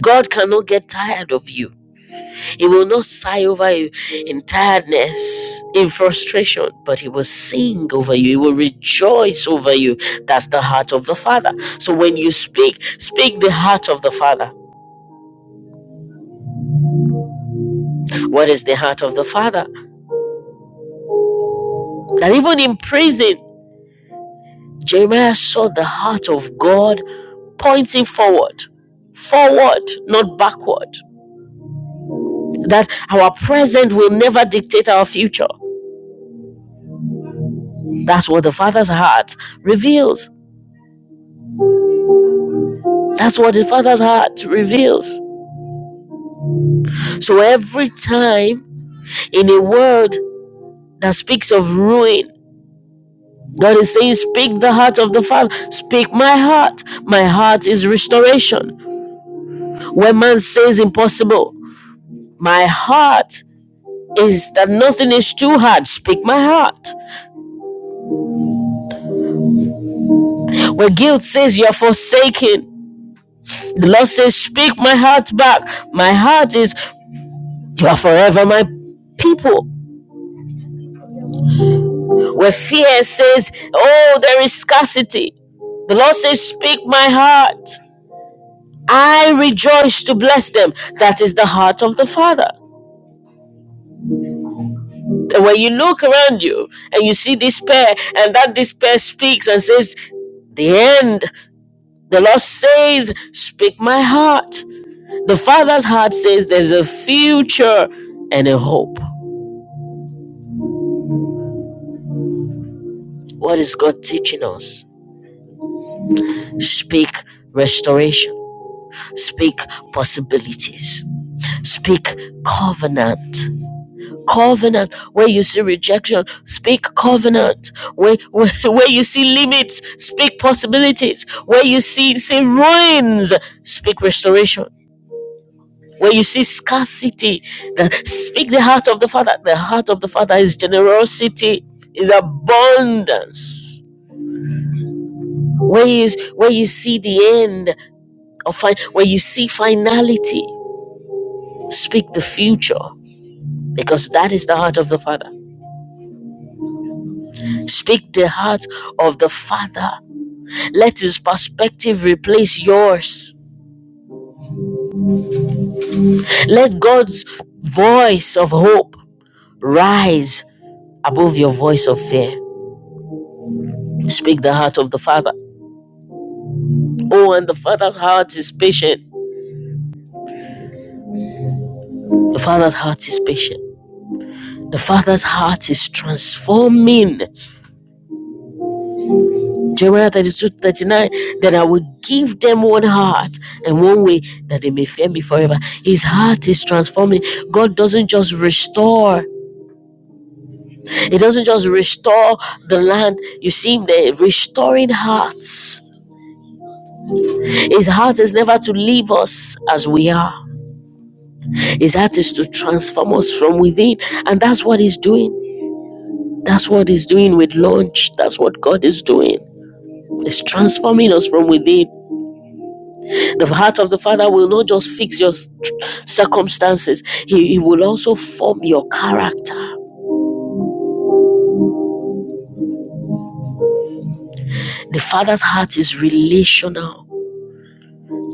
Speaker 1: God cannot get tired of you. He will not sigh over you in tiredness, in frustration, but He will sing over you. He will rejoice over you. That's the heart of the Father. So when you speak, speak the heart of the Father. What is the heart of the Father? That even in prison, Jeremiah saw the heart of God pointing forward. Forward, not backward. That our present will never dictate our future. That's what the Father's heart reveals. That's what the Father's heart reveals. So every time in a world that speaks of ruin, God is saying, Speak the heart of the Father, speak my heart. My heart is restoration. Where man says impossible, My heart is that nothing is too hard. Speak my heart. Where guilt says you're forsaken, the Lord says, Speak my heart back. My heart is, You're forever my people. Where fear says, Oh, there is scarcity, the Lord says, Speak my heart. I rejoice to bless them. That is the heart of the Father. And when you look around you and you see despair, and that despair speaks and says, The end. The Lord says, Speak my heart. The Father's heart says there's a future and a hope. What is God teaching us? Speak restoration, speak possibilities, speak covenant. Covenant where you see rejection, speak covenant. Where, where, where you see limits, speak possibilities. Where you see, see ruins, speak restoration. Where you see scarcity, the, speak the heart of the Father. The heart of the Father is generosity, is abundance. Where you, where you see the end, of fi- where you see finality, speak the future, because that is the heart of the Father. Speak the heart of the Father. Let His perspective replace yours. Let God's voice of hope rise above your voice of fear. Speak the heart of the Father. Oh, and the Father's heart is patient. The Father's heart is patient. The Father's heart is transforming. Jeremiah thirty-two thirty-nine. 39. Then I will give them one heart and one way that they may fear me forever. His heart is transforming. God doesn't just restore, He doesn't just restore the land. You see, Him there restoring hearts. His heart is never to leave us as we are. His heart is to transform us from within. And that's what he's doing. That's what He's doing with launch. That's what God is doing. It's transforming us from within. The heart of the Father will not just fix your circumstances, He, he will also form your character. The Father's heart is relational.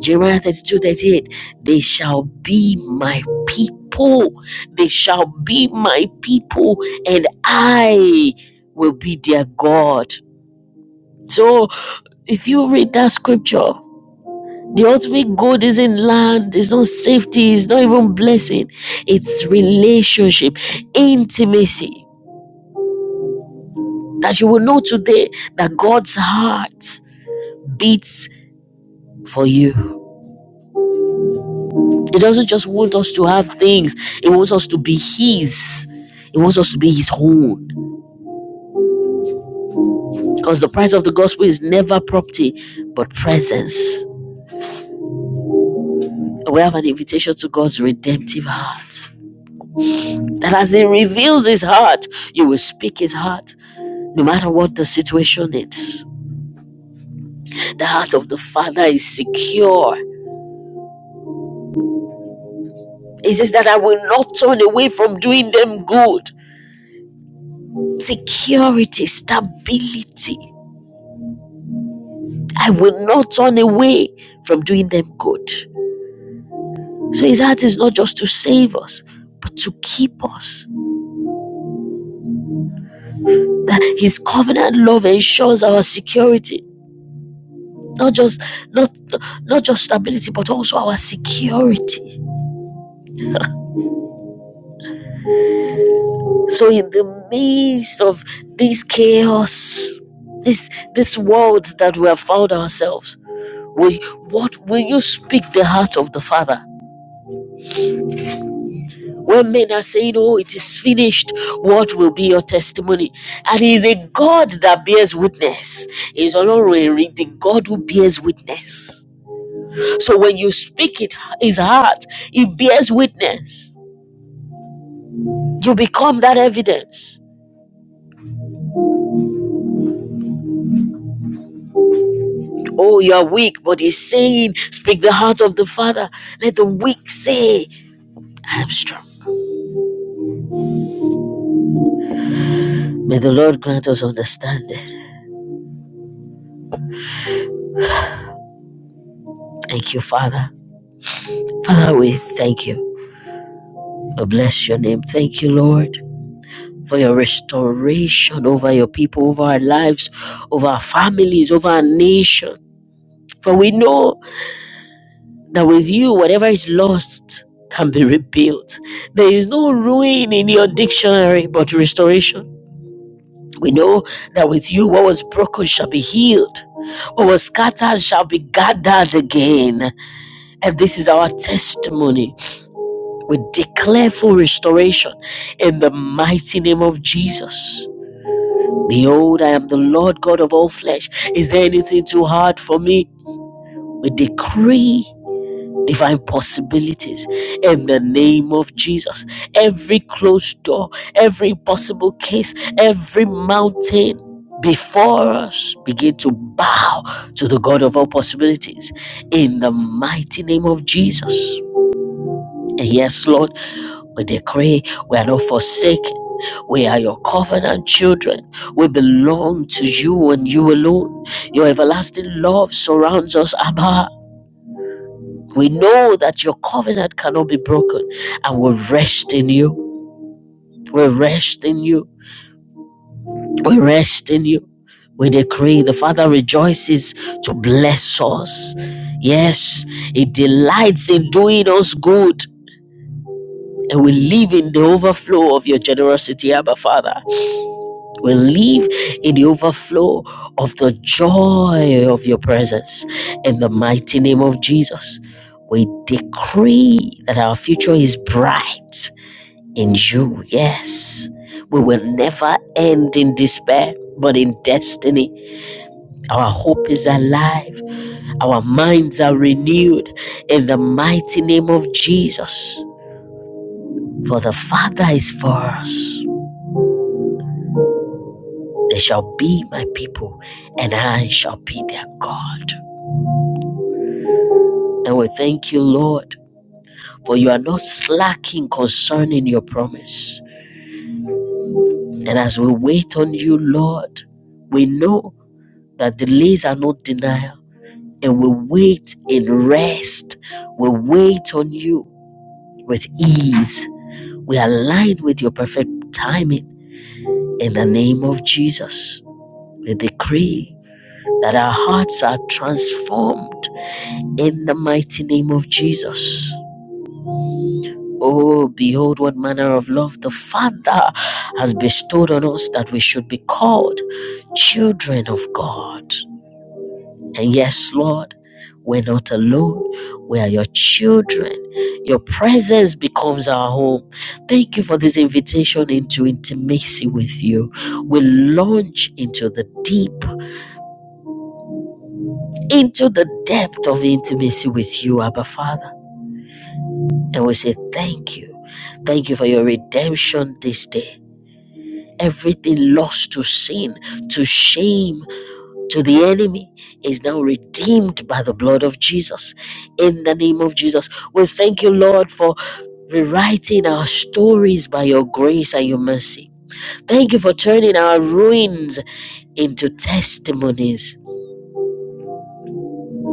Speaker 1: Jeremiah 32 38: they shall be my people. They shall be my people, and I will be their God. So if you read that scripture, The ultimate good isn't land, it's not safety, it's not even blessing. It's relationship, intimacy. That you will know today that God's heart beats for you. He doesn't just want us to have things, He wants us to be His. He wants us to be His own. Because the price of the gospel is never property, but presence. We have an invitation to God's redemptive heart. That as He reveals His heart, you will speak His heart no matter what the situation is. The heart of the Father is secure. He says that I will not turn away from doing them good. Security, stability. I will not turn away from doing them good. So his heart is not just to save us, but to keep us. That his covenant love ensures our security. Not just not not just stability, but also our security. So in the midst of this chaos, this this world that we have found ourselves, we what will you speak the heart of the Father? When men are saying, Oh, it is finished, what will be your testimony? And he is a God that bears witness. He is honorary, the God who bears witness. So when you speak it, his heart, it bears witness. You become that evidence. Oh, you are weak, but he's saying, Speak the heart of the Father. Let the weak say, I am strong. May the Lord grant us understanding. Thank you, Father. Father, we thank you. We bless your name. Thank you, Lord, for your restoration over your people, over our lives, over our families, over our nation. For we know that with you, whatever is lost can be rebuilt. There is no ruin in your dictionary but restoration. We know that with you, what was broken shall be healed, what was scattered shall be gathered again. And this is our testimony. We declare full restoration in the mighty name of Jesus. Behold, I am the Lord God of all flesh. Is there anything too hard for me? We decree divine possibilities in the name of Jesus. Every closed door, every impossible case, every mountain before us begin to bow to the God of all possibilities in the mighty name of Jesus. And yes, Lord, we decree we are not forsaken. We are your covenant children. We belong to you and you alone. Your everlasting love surrounds us, Abba. We know that your covenant cannot be broken, and we rest in you. We rest in you. We rest in you. We decree the Father rejoices to bless us. Yes, He delights in doing us good. And we live in the overflow of your generosity, Abba Father. We live in the overflow of the joy of your presence. In the mighty name of Jesus, we decree that our future is bright in you. Yes. We will never end in despair, but in destiny. Our hope is alive. Our minds are renewed in the mighty name of Jesus. For the Father is for us. They shall be my people, and I shall be their God. And we thank you, Lord, for you are not slacking concerning your promise. And as we wait on you, Lord, we know that delays are not denial and we wait in rest. We wait on you with ease. We align with your perfect timing in the name of Jesus. We decree that our hearts are transformed in the mighty name of Jesus. Oh, behold, what manner of love the Father has bestowed on us that we should be called children of God. And yes, Lord, we're not alone. We are your children. Your presence becomes our home. Thank you for this invitation into intimacy with you. We launch into the deep, into the depth of intimacy with you, Abba Father. And we say thank you. Thank you for your redemption this day. Everything lost to sin, to shame, to the enemy is now redeemed by the blood of Jesus. In the name of Jesus, we thank you, Lord, for rewriting our stories by your grace and your mercy. Thank you for turning our ruins into testimonies.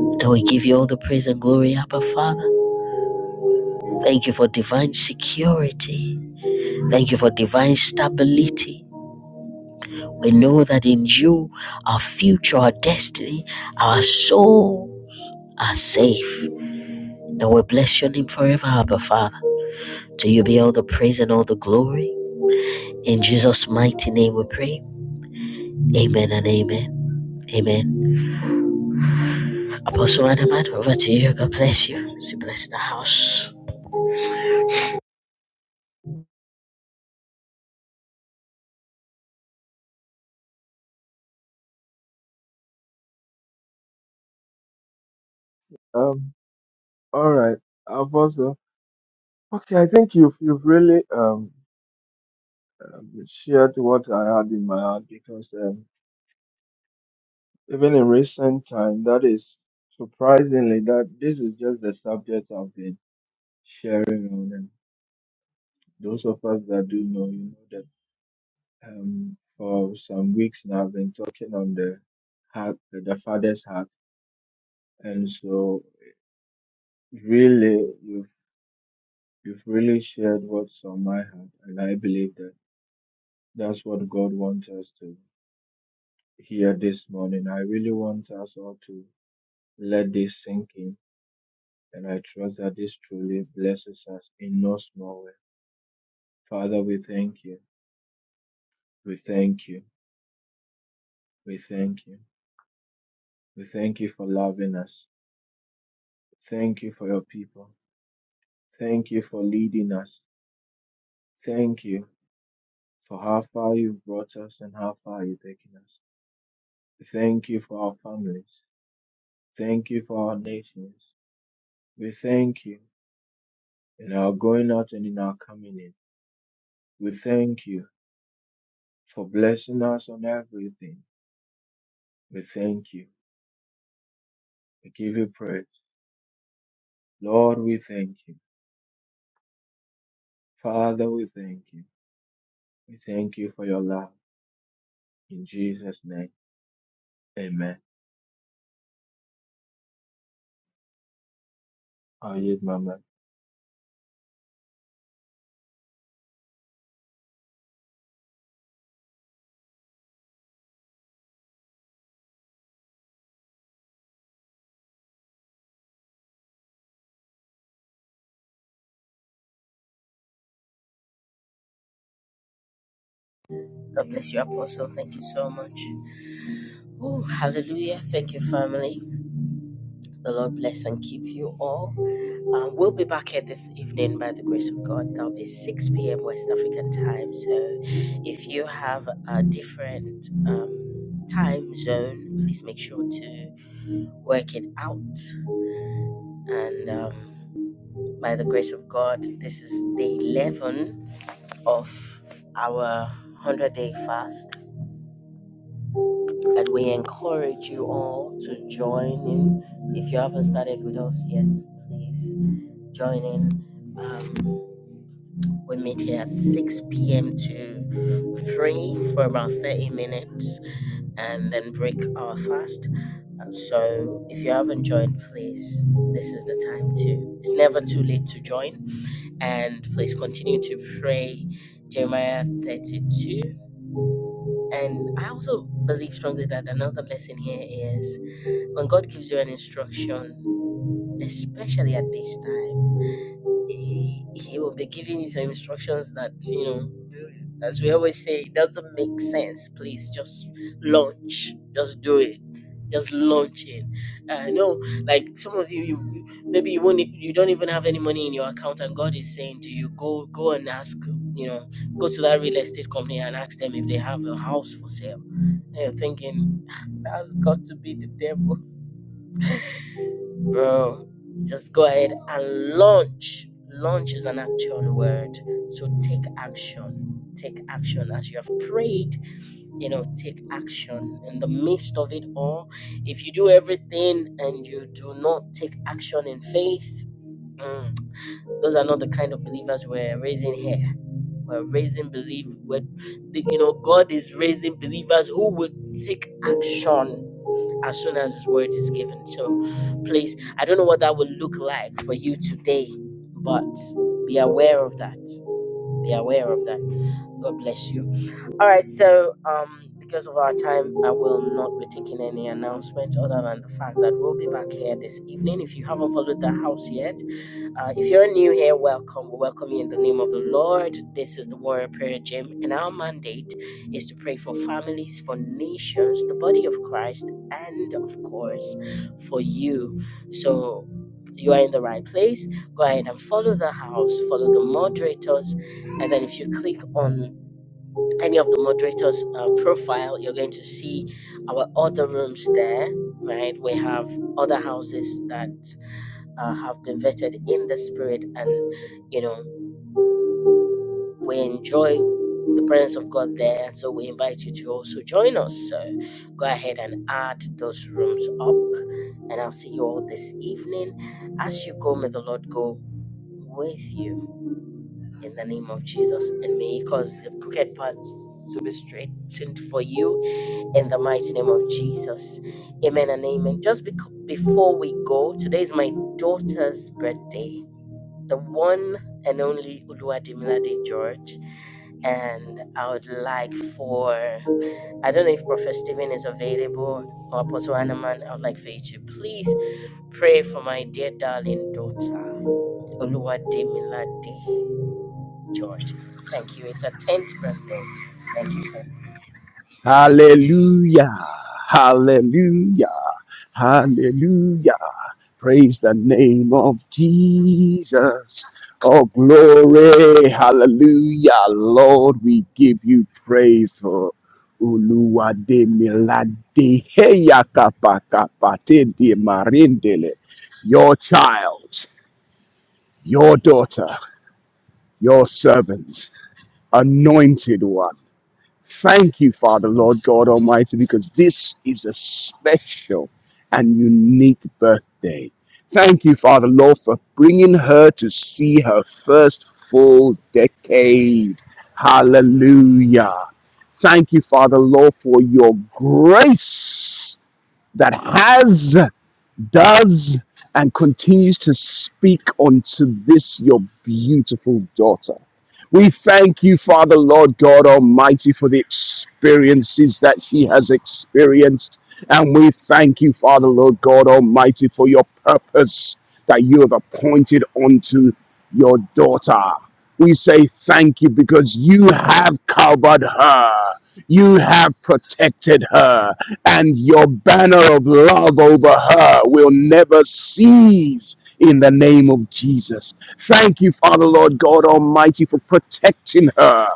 Speaker 1: And we give you all the praise and glory, Abba Father. Thank you for divine security. Thank you for divine stability. We know that in you, our future, our destiny, our soul are safe. And we bless your name forever, Abba Father. To you be all the praise and all the glory. In Jesus' mighty name we pray. Amen and amen. Amen. Apostle Adaman, over to you. God bless you. She bless the house.
Speaker 3: Um, all right, Apostle. Okay, I think you've you've really um, um shared what I had in my heart because um, even in recent time, that is surprisingly that this is just the subject I've been sharing on, and those of us that do know, you know that um for some weeks now I've been talking on the heart, the Father's heart, and so really you've you've really shared what's on my heart, and I believe that. That's what God wants us to hear this morning. I really want us all to let this sink in, and I trust that this truly blesses us in no small way. Father, we thank you. We thank you. We thank you. We thank you for loving us. Thank you for your people. Thank you for leading us. Thank you for how far you've brought us and how far you've taken us. We Thank you for our families. Thank you for our nations. We thank you. in our going out and in our coming in. We thank you for blessing us on everything. We thank you. We give you praise. Lord, we thank you. Father, we thank you. We thank you for your love. In Jesus' name, amen. I yield my mic.
Speaker 1: God bless you, Apostle. Thank you so much. Oh, hallelujah. Thank you, family. The Lord bless and keep you all. Um, we'll be back here this evening by the grace of God. That'll be 6 p.m. West African time. So if you have a different um, time zone, please make sure to work it out. And um, by the grace of God, this is day 11 of our 100 day fast. And we encourage you all to join in. If you haven't started with us yet, please joining. Um, we meet here at 6 p.m. to 3 for about 30 minutes and then break our fast. Uh, So if you haven't joined, please, this is the time to. It's never too late to join. And please continue to pray Jeremiah 32. And I also believe strongly that another lesson here is when God gives you an instruction, especially at this time He, he will be giving you some instructions that, you know, as we always say, it doesn't make sense. Please just launch. Just do it. Just launch it. I know, like some of you, you maybe you won't, e, you don't even have any money in your account, and God is saying to you, go, go and ask. You know, go to that real estate company and ask them if they have a house for sale. And you're thinking that's got to be the devil bro just go ahead and launch launch is an action word so take action take action as you have prayed you know take action in the midst of it all if you do everything and you do not take action in faith mm, those are not the kind of believers we're raising here we're raising believe you know god is raising believers who will take action as soon as his word is given. So please, I don't know what that will look like for you today, but be aware of that. Be aware of that. God bless you. All right, so um, because of our time, I will not be taking any announcements other than the fact that we'll be back here this evening. If you haven't followed the house yet, uh, if you're new here, welcome. We welcome you in the name of the Lord. This is the Warrior Prayer Gym, and our mandate is to pray for families, for nations, the body of Christ, and of course, for you. So you are in the right place. Go ahead and follow the house, follow the moderators, and then if you click on any of the moderators' uh, profile, you're going to see our other rooms there, right? We have other houses that uh, have been vetted in the spirit, and you know, we enjoy the presence of God there. So we invite you to also join us. So go ahead and add those rooms up, and I'll see you all this evening. As you go, may the Lord go with you in the name of Jesus, and may He cause the crooked paths to be straightened for you in the mighty name of Jesus. Amen and amen. Just bec- before we go, today is my daughter's birthday, the one and only Uluwadimilade George. And I would like for, I don't know if Prophet Stephen is available or Apostle Hanaman, I would like for you to please pray for my dear darling daughter, Uluwadimilade George. Thank you. It's her 10th birthday. Thank you so
Speaker 4: Hallelujah. Hallelujah. Hallelujah. Praise the name of Jesus. Oh, glory. Hallelujah. Lord, we give you praise for Uluwade Milade Heya Kapa Kapa Tende Marindele. Your child, your daughter, your servants, anointed one. Thank you, Father, Lord God Almighty, because this is a special and unique birthday. Thank you, Father, Lord, for bringing her to see her first full decade. Hallelujah. Thank you, Father, Lord, for your grace that has does and continues to speak unto this your beautiful daughter. We thank you, Father, Lord God Almighty, for the experiences that she has experienced. And we thank you, Father, Lord God Almighty, for your purpose that you have appointed unto your daughter. We say thank you because you have covered her. You have protected her, and your banner of love over her will never cease in the name of Jesus. Thank you, Father, Lord God Almighty, for protecting her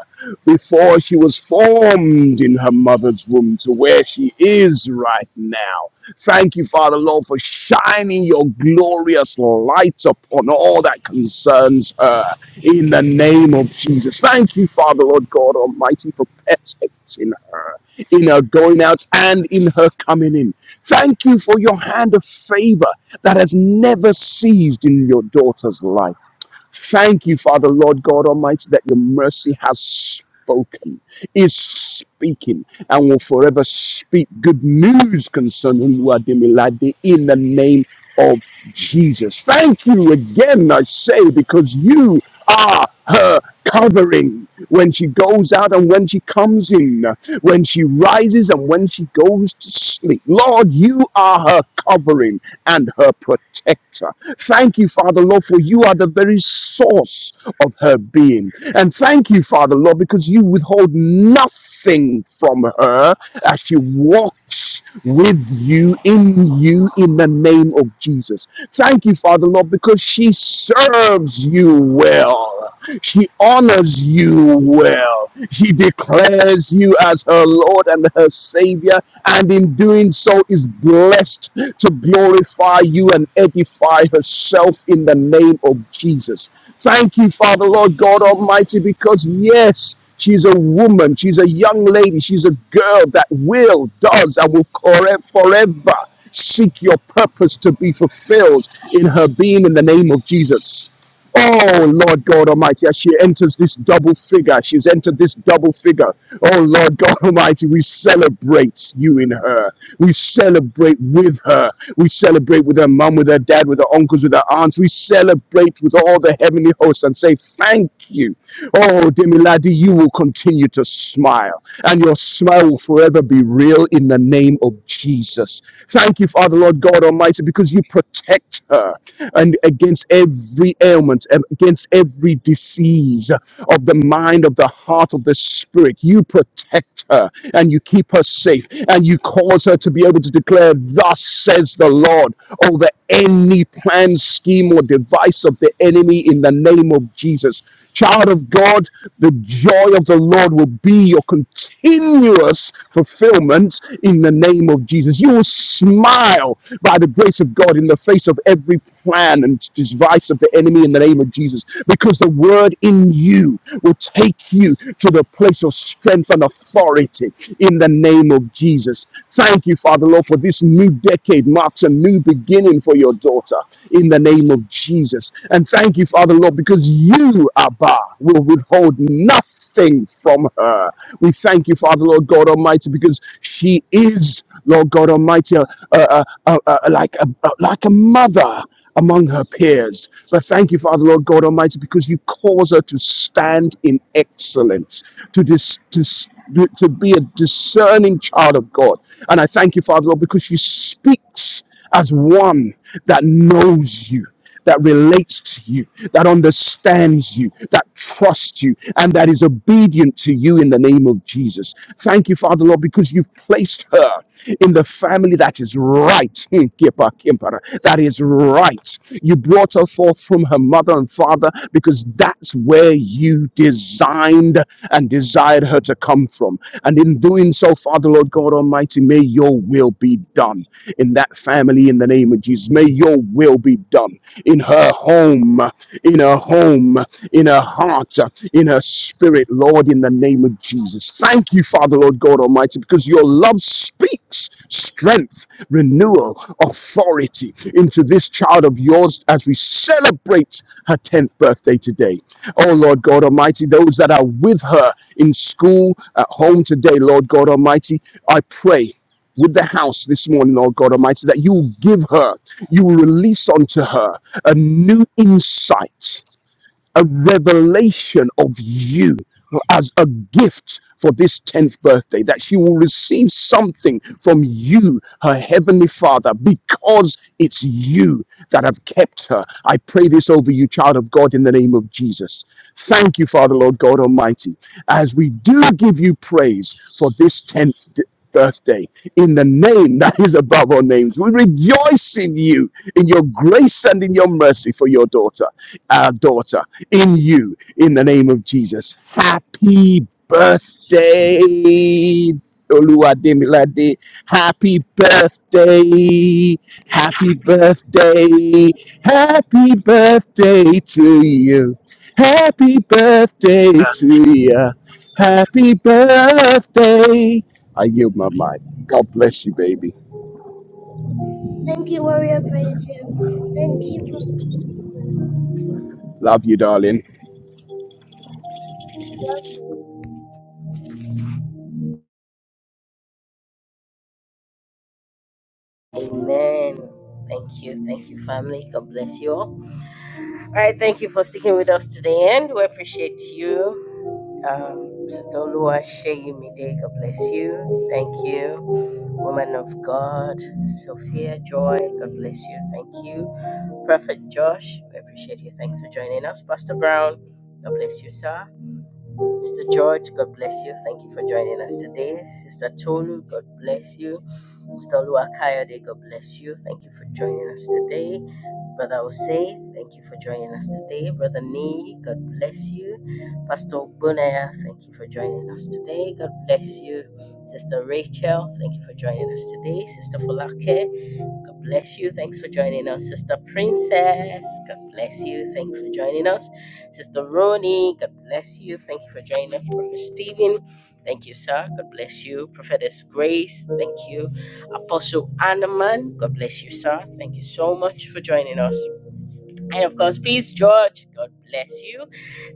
Speaker 4: before she was formed in her mother's womb to where she is right now. Thank you, Father Lord, for shining your glorious light upon all that concerns her in the name of Jesus. Thank you, Father Lord God Almighty, for protecting her in her going out and in her coming in. Thank you for your hand of favor that has never ceased in your daughter's life. Thank you, Father, Lord God Almighty, that your mercy has spoken, is speaking, and will forever speak good news concerning Luadimilade in the name of Jesus. Thank you again, I say, because you are her covering when she goes out and when she comes in, when she rises and when she goes to sleep. Lord, you are her covering and her protector. Thank you, Father, Lord Lord, for you are the very source of her being. And thank you, Father, Lord, because you withhold nothing from her as she walks with you, in you, in the name of Jesus. Thank you, Father, Lord, because she serves you well. She honors you well. She declares you as her Lord and her Savior, and in doing so is blessed to glorify you and edify herself in the name of Jesus. Thank you, Father, Lord God Almighty, because yes, she's a woman, she's a young lady, she's a girl that will, does, and will forever seek your purpose to be fulfilled in her being in the name of Jesus. Oh Lord God Almighty, as she enters this double figure, she's entered this double figure. Oh Lord God Almighty, we celebrate you in her. We celebrate with her. We celebrate with her mom, with her dad, with her uncles, with her aunts. We celebrate with all the heavenly hosts and say, Thank you. Oh, Demiladi, you will continue to smile, and your smile will forever be real in the name of Jesus. Thank you, Father, Lord God Almighty, because you protect her and against every ailment and against every disease of the mind, of the heart, of the spirit. You protect her and you keep her safe and you cause her to be able to declare, Thus says the Lord, over any plan, scheme, or device of the enemy in the name of Jesus. Child of God, the joy of the Lord will be your continuous fulfillment in the name of Jesus. You will smile by the grace of God in the face of every plan and device of the enemy in the name of Jesus because the word in you will take you to the place of strength and authority in the name of Jesus. Thank you, Father Lord, for this new decade marks a new beginning for your daughter in the name of Jesus. And thank you, Father Lord, because you, Abba, will withhold nothing from her. We thank you, Father Lord God Almighty, because she is, Lord God Almighty, uh, uh, uh, uh, like, a, like a mother among her peers. But thank you, Father, Lord God Almighty, because you cause her to stand in excellence, to, dis, to, to be a discerning child of God. And I thank you, Father, Lord, because she speaks as one that knows you that relates to you, that understands you, that trusts you, and that is obedient to you in the name of Jesus. Thank you, Father Lord, because you've placed her in the family that is right. Hmm, That is right. You brought her forth from her mother and father because that's where you designed and desired her to come from. And in doing so, Father Lord God Almighty, may your will be done in that family in the name of Jesus. May your will be done in her home, in her home, in her heart, in her spirit, Lord, in the name of Jesus. Thank you, Father, Lord God Almighty, because your love speaks strength, renewal, authority into this child of yours as we celebrate her 10th birthday today. Oh, Lord God Almighty, those that are with her in school, at home today, Lord God Almighty, I pray with the house this morning, Lord God Almighty, that you will give her, you will release unto her a new insight a revelation of you as a gift for this 10th birthday, that she will receive something from you, her heavenly father, because it's you that have kept her. I pray this over you, child of God, in the name of Jesus. Thank you, Father, Lord God Almighty, as we do give you praise for this 10th birthday in the name that is above all names. We rejoice in you, in your grace and in your mercy for your daughter, our daughter in you in the name of Jesus. Happy birthday, Oluwademilade. Happy birthday. Happy birthday. Happy birthday to you. Happy birthday to you. Happy birthday. I yield my mic. God bless you, baby.
Speaker 1: Thank you, Warrior Prayer Gym. Thank you, Prophet Stephen.
Speaker 4: Love you, darling.
Speaker 1: Amen. Thank you. Thank you, family. God bless you all. All right. Thank you for sticking with us to the end. We appreciate you. Um, Sister Olua Sheyumide, God bless you. Thank you. Woman of God, Sophia Joy, God bless you. Thank you. Prophet Josh, we appreciate you. Thanks for joining us. Pastor Brown, God bless you, sir. Mr. George, God bless you. Thank you for joining us today. Sister Tolu, God bless you. Mr. Luakayode, God bless you. Thank you for joining us today. Brother Osei, thank you for joining us today. Brother Nee, God bless you. Pastor Bunaya, thank you for joining us today. God bless you. Sister Rachel, thank you for joining us today. Sister Folake, God bless you. Thanks for joining us, Sister Princess. God bless you. Thanks for joining us, Sister Ronnie. God bless you. Thank you for joining us, Prophet Stephen. Thank you, sir. God bless you, Prophetess Grace. Thank you, Apostle Anaman. God bless you, sir. Thank you so much for joining us. And of course, peace, George. God bless you.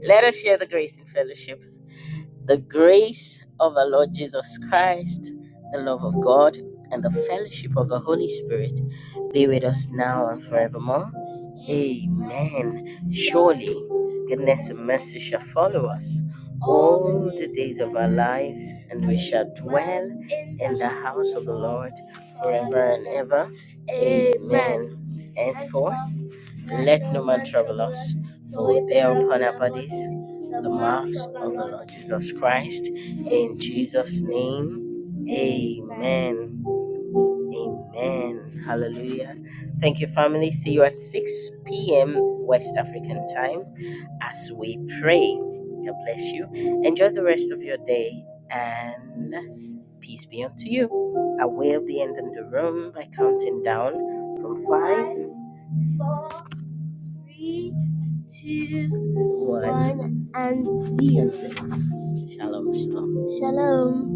Speaker 1: Let us share the grace and fellowship. The grace of our Lord Jesus Christ, the love of God, and the fellowship of the Holy Spirit be with us now and forevermore. Amen. Surely, goodness and mercy shall follow us all the days of our lives, and we shall dwell in the house of the Lord forever and ever. Amen. Henceforth, let no man trouble us, for we bear upon our bodies the marks of the Lord Jesus Christ. In Jesus' name, amen. Amen. Hallelujah. Thank you, family. See you at 6 p.m. West African time as we pray. God bless you. Enjoy the rest of your day and peace be unto you. I will be ending the room by counting down from five, five four, three, two, one, one and zero. Shalom, shalom. Shalom.